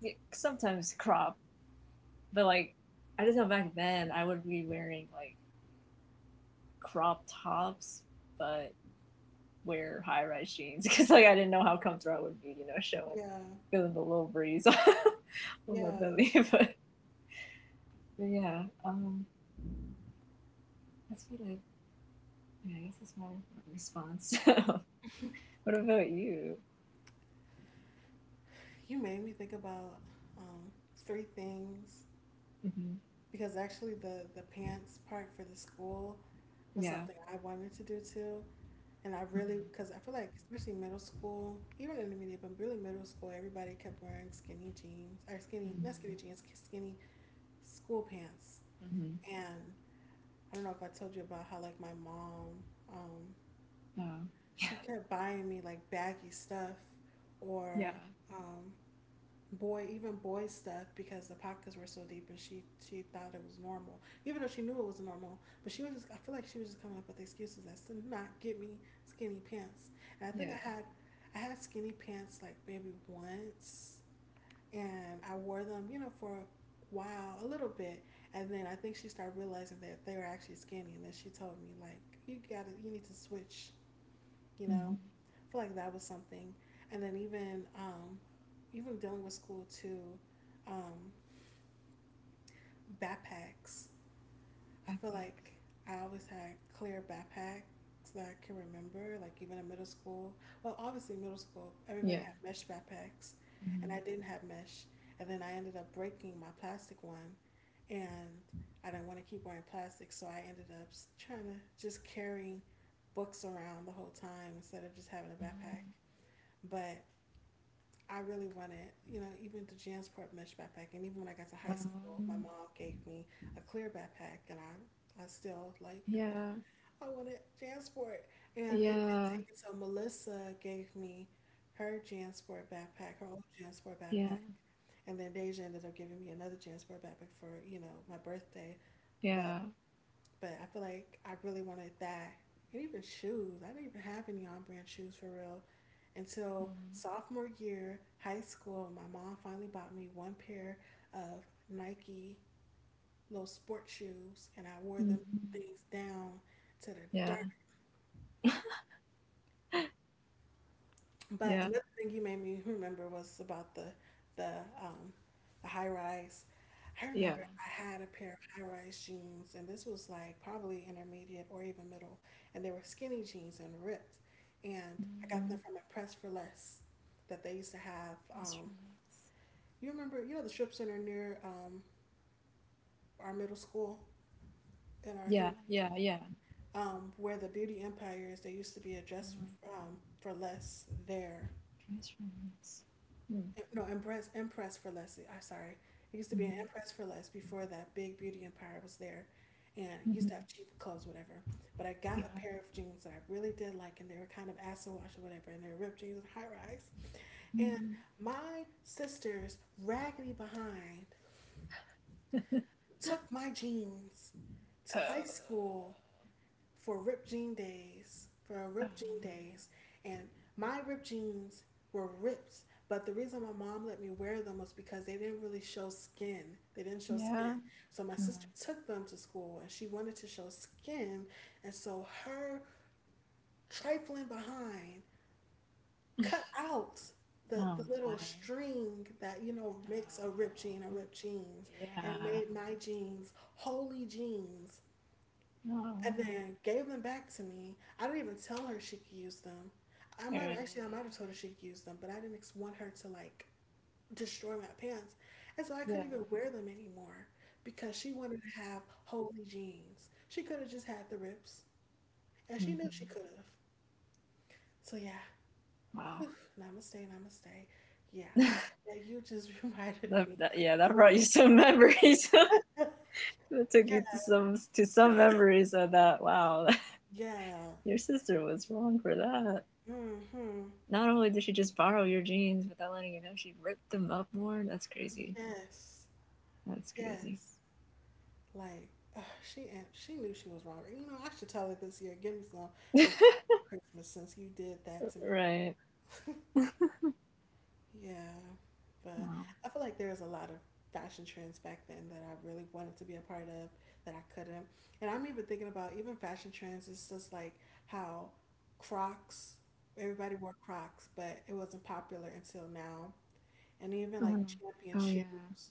Speaker 2: yeah, sometimes crop, but like I just know back then I would be wearing like crop tops, but wear high rise jeans [laughs] because like I didn't know how comfortable I would be, showing
Speaker 1: Yeah.
Speaker 2: feeling the little breeze [laughs] on my
Speaker 1: Yeah.
Speaker 2: belly. [laughs] But, yeah, that's what I. Yeah, I guess that's my response. [laughs] What about you?
Speaker 1: You made me think about three things
Speaker 2: Mm-hmm.
Speaker 1: because actually the pants part for the school was
Speaker 2: Yeah.
Speaker 1: something I wanted to do too. And I really,
Speaker 2: Mm-hmm.
Speaker 1: because I feel like, especially middle school, even intermediate, but really middle school, everybody kept wearing skinny jeans or skinny, not
Speaker 2: Mm-hmm.
Speaker 1: skinny jeans, skinny school pants.
Speaker 2: Mm-hmm.
Speaker 1: And I don't know if I told you about how like my mom, um,
Speaker 2: Oh,
Speaker 1: she kept buying me like baggy stuff
Speaker 2: yeah.
Speaker 1: or um, boy even boy stuff because the pockets were so deep and she thought it was normal even though she knew it was normal but she was just I feel like she was just coming up with excuses as to not get me skinny pants and
Speaker 2: Yeah.
Speaker 1: I had skinny pants like maybe once and I wore them you know for a while a little bit and then I think she started realizing that they were actually skinny and then she told me like you need to switch you know
Speaker 2: Mm-hmm.
Speaker 1: I feel like that was something and then even dealing with school too um backpacks I feel
Speaker 2: Backpacks.
Speaker 1: like I always had clear backpacks that I can remember like even in middle school well obviously middle school everybody
Speaker 2: Yeah.
Speaker 1: had mesh backpacks and
Speaker 2: Mm-hmm.
Speaker 1: I didn't have mesh and then I ended up breaking my plastic one and I didn't want to keep wearing plastic so I ended up trying to just carry books around the whole time instead of just having a backpack
Speaker 2: Um,
Speaker 1: but I really wanted, you know, even the Jansport mesh backpack. And even when I got to high school, my
Speaker 2: Um,
Speaker 1: mom gave me a clear backpack, and I still like,
Speaker 2: yeah,
Speaker 1: I wanted Jansport. And it did
Speaker 2: yeah,
Speaker 1: take until Melissa gave me her Jansport backpack, her old Jansport
Speaker 2: yeah,
Speaker 1: backpack. And then Deja ended up giving me another Jansport backpack for, you know, my birthday. But
Speaker 2: yeah.
Speaker 1: but I feel like I really wanted that. And even shoes. I didn't even have any on brand shoes for real until
Speaker 2: Mm-hmm.
Speaker 1: sophomore year, high school. My mom finally bought me one pair of Nike little sport shoes, and I wore them
Speaker 2: Mm-hmm.
Speaker 1: things down to the
Speaker 2: Yeah,
Speaker 1: dirt.
Speaker 2: [laughs]
Speaker 1: But
Speaker 2: yeah,
Speaker 1: another thing you made me remember was about the um, the high rise. I
Speaker 2: yeah.
Speaker 1: remember I had a pair of high rise jeans, and this was like probably intermediate or even middle, and they were skinny jeans and ripped. And I got them
Speaker 2: Mm,
Speaker 1: from a Press for Less that they used to have.
Speaker 2: press release.
Speaker 1: You remember, you know, the strip center near our middle school in our
Speaker 2: Yeah, yeah, yeah.
Speaker 1: where the Beauty Empire is. There used to be a dress
Speaker 2: Uh-huh.
Speaker 1: for less there
Speaker 2: Press release. Mm,
Speaker 1: No, Empress, Empress for Less. I'm sorry. It used to be
Speaker 2: mm-hmm.
Speaker 1: an Empress for Less before that big beauty empire was there. And it
Speaker 2: Mm-hmm.
Speaker 1: used to have cheap clothes, whatever. But I got a
Speaker 2: Yeah.
Speaker 1: pair of jeans that I really did like, and they were kind of acid wash or whatever, and they were ripped jeans and high rise. And
Speaker 2: Mm.
Speaker 1: my sister's raggedy behind
Speaker 2: [laughs]
Speaker 1: took my jeans to
Speaker 2: Uh,
Speaker 1: high school for ripped Jean Days, for
Speaker 2: um,
Speaker 1: ripped Jean Days, and my ripped Jeans were ripped. But the reason my mom let me wear them was because they didn't really show skin. They didn't show skin.
Speaker 2: yeah.
Speaker 1: So my
Speaker 2: Uh,
Speaker 1: sister took them to school and she wanted to show skin. And so her trifling behind cut out
Speaker 2: Oh
Speaker 1: the little
Speaker 2: my.
Speaker 1: string that, you know, makes a ripped jean a
Speaker 2: Uh,
Speaker 1: ripped jeans and
Speaker 2: yeah.
Speaker 1: made my jeans holy jeans and
Speaker 2: Oh.
Speaker 1: then gave them back to me. I didn't even tell her she could use them.
Speaker 2: All right.
Speaker 1: I might have told her she could use them, but I didn't want her to like destroy my pants, and so I
Speaker 2: Yeah.
Speaker 1: couldn't even wear them anymore because she wanted to have holy jeans. She could have just had the rips, and she knew she
Speaker 2: Mm-hmm.
Speaker 1: could have. So yeah, [sighs]
Speaker 2: Wow.
Speaker 1: namaste, namaste. Yeah, so,
Speaker 2: [laughs]
Speaker 1: like you just [laughs] reminded me.
Speaker 2: Yeah, that brought you some memories. [laughs] That
Speaker 1: Like,
Speaker 2: took
Speaker 1: yeah,
Speaker 2: you to some memories of that. Wow,
Speaker 1: yeah.
Speaker 2: [laughs] your sister was wrong for that.
Speaker 1: Mm-hmm.
Speaker 2: Not only did she just borrow your jeans without letting you know, she ripped them up more. That's crazy.
Speaker 1: Yes,
Speaker 2: That's crazy.
Speaker 1: yes. Like she knew she was wrong. You know, I should tell her this year. Give me some rib
Speaker 2: [laughs]
Speaker 1: for Christmas since you did that to me.
Speaker 2: Right.
Speaker 1: Yeah, but
Speaker 2: Wow.
Speaker 1: I feel like there's a lot of fashion trends back then that I really wanted to be a part of that I couldn't. And I'm even thinking about even fashion trends. It's just like how Crocs. Everybody wore Crocs, but it wasn't popular until now. And even
Speaker 2: Oh.
Speaker 1: like
Speaker 2: Mm-hmm.
Speaker 1: Champion
Speaker 2: Oh yeah.
Speaker 1: shoes.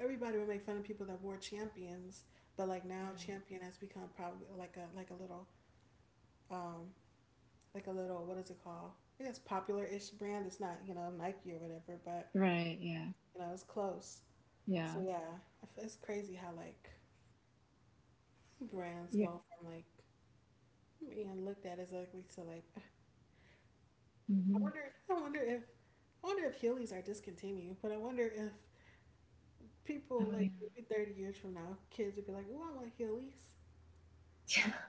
Speaker 1: Everybody would make fun of people that wore champions, but like now champion has become probably like a little um like a little what is it called? I guess popular ish brand. It's not you know Nike or whatever, but
Speaker 2: Right. Right. Yeah.
Speaker 1: you know it's close. So
Speaker 2: Yeah.
Speaker 1: yeah, it's crazy how like brands
Speaker 2: Yeah.
Speaker 1: go from like being looked at as ugly to like. [sighs]
Speaker 2: Mm-hmm.
Speaker 1: I wonder if Heelys are discontinued, but I wonder if
Speaker 2: Oh
Speaker 1: people
Speaker 2: yeah.
Speaker 1: like maybe 30 years from now, kids would be like, "Oh, I want Heelys."
Speaker 2: [laughs]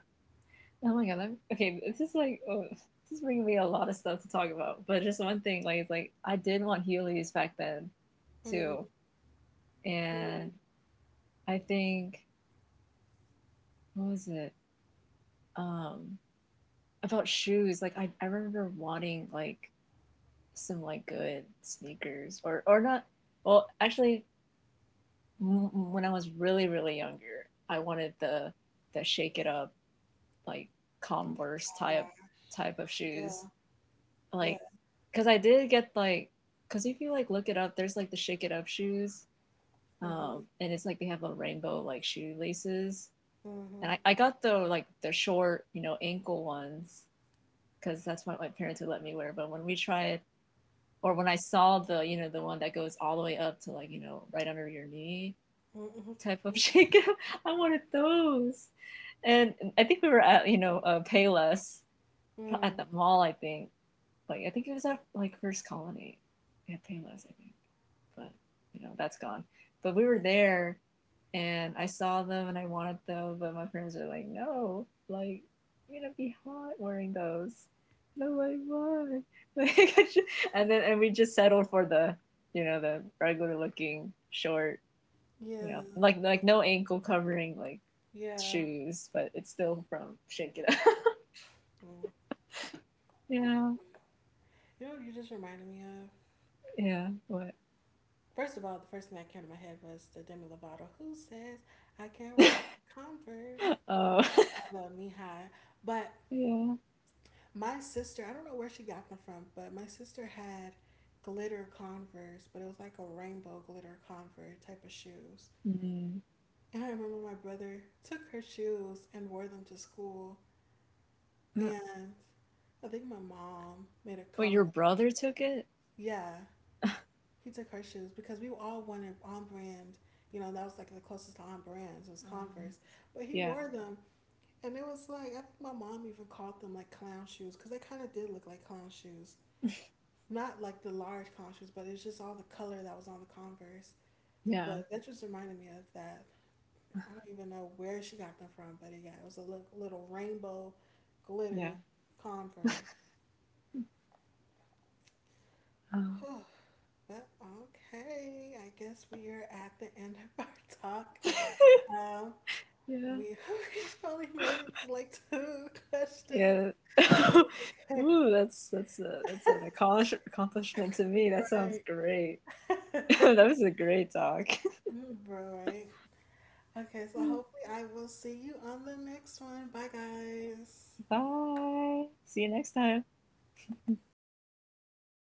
Speaker 2: Oh my god, okay, this is bringing me a lot of stuff to talk about. But just one thing, like, it's like I did want Heelys back then,
Speaker 1: Mm-hmm.
Speaker 2: too,
Speaker 1: Oh
Speaker 2: and I think what was it um about shoes? Like, I remember wanting like some like good sneakers or not. Well, actually, when I was really really younger, I wanted the shake it up like
Speaker 1: my
Speaker 2: Converse
Speaker 1: god!
Speaker 2: type of shoes
Speaker 1: Yeah. Yeah.
Speaker 2: like because I did get like because if you like look it up, there's like the shake it up shoes,
Speaker 1: Mhm.
Speaker 2: and it's like they have a rainbow like shoelaces, and
Speaker 1: Mhm.
Speaker 2: I got the short ankle ones because that's what my parents would let me wear. But when we tried or when I saw the one that goes all the way up to like right under your knee
Speaker 1: Mhm.
Speaker 2: type of shake up, [laughs] I wanted those, and I think we were at Payless at
Speaker 1: Mm.
Speaker 2: the mall I think like I think it was our like First Colony at Payless, I think. But that's gone. But we were there and I saw them and I wanted them, but my friends were like, No, like you're gonna be hot wearing those. And I'm like, why? Like, [laughs] and then and we just settled for the regular looking short,
Speaker 1: Yeah.
Speaker 2: like no ankle covering like
Speaker 1: Yeah.
Speaker 2: shoes, but it's still from Shake It Up.
Speaker 1: Mm.
Speaker 2: [laughs] yeah,
Speaker 1: You know what you just reminded me of?
Speaker 2: yeah, what?
Speaker 1: First of all, the first thing that came to my head was the Demi Lovato who says, I can't wear Converse.
Speaker 2: [laughs] Oh. [laughs]
Speaker 1: I love me high. But
Speaker 2: Yeah.
Speaker 1: my sister, I don't know where she got them from, but my sister had glitter Converse, but it was like a rainbow glitter Converse type of shoes.
Speaker 2: Mm.
Speaker 1: And I remember my brother took her shoes and wore them to school.
Speaker 2: Uh,
Speaker 1: And I think my mom made a
Speaker 2: Oh, your
Speaker 1: comment.
Speaker 2: brother took it?
Speaker 1: About, yeah, he took her shoes because we all wanted on brand. You know, that was like the closest to on brands was
Speaker 2: Um,
Speaker 1: Converse, but he
Speaker 2: yeah.
Speaker 1: wore them, and it was like I think my mom even called them like clown shoes because they kind of did look like clown shoes. Not like the large clown shoes, but it's just all the color that was on the Converse.
Speaker 2: Yeah.
Speaker 1: But that just reminded me of that. I don't even know where she got them from, but yeah, it was a little rainbow
Speaker 2: Yeah.
Speaker 1: glitter Converse.
Speaker 2: Oh.
Speaker 1: [sighs] Well, okay, I guess we are at the end of our talk.
Speaker 2: [laughs]
Speaker 1: Um,
Speaker 2: Yeah.
Speaker 1: we [laughs] we only made it like two questions.
Speaker 2: Yeah.
Speaker 1: [laughs] But
Speaker 2: [laughs]
Speaker 1: it's
Speaker 2: Ooh, that's that's an accomplishment to me. That sounds
Speaker 1: okay.
Speaker 2: great. [laughs]
Speaker 1: [laughs] right.
Speaker 2: That was a great talk.
Speaker 1: [laughs] right. Okay, so hopefully
Speaker 2: [laughs]
Speaker 1: I will see you on the next one. Bye, guys.
Speaker 2: Bye. See you next time.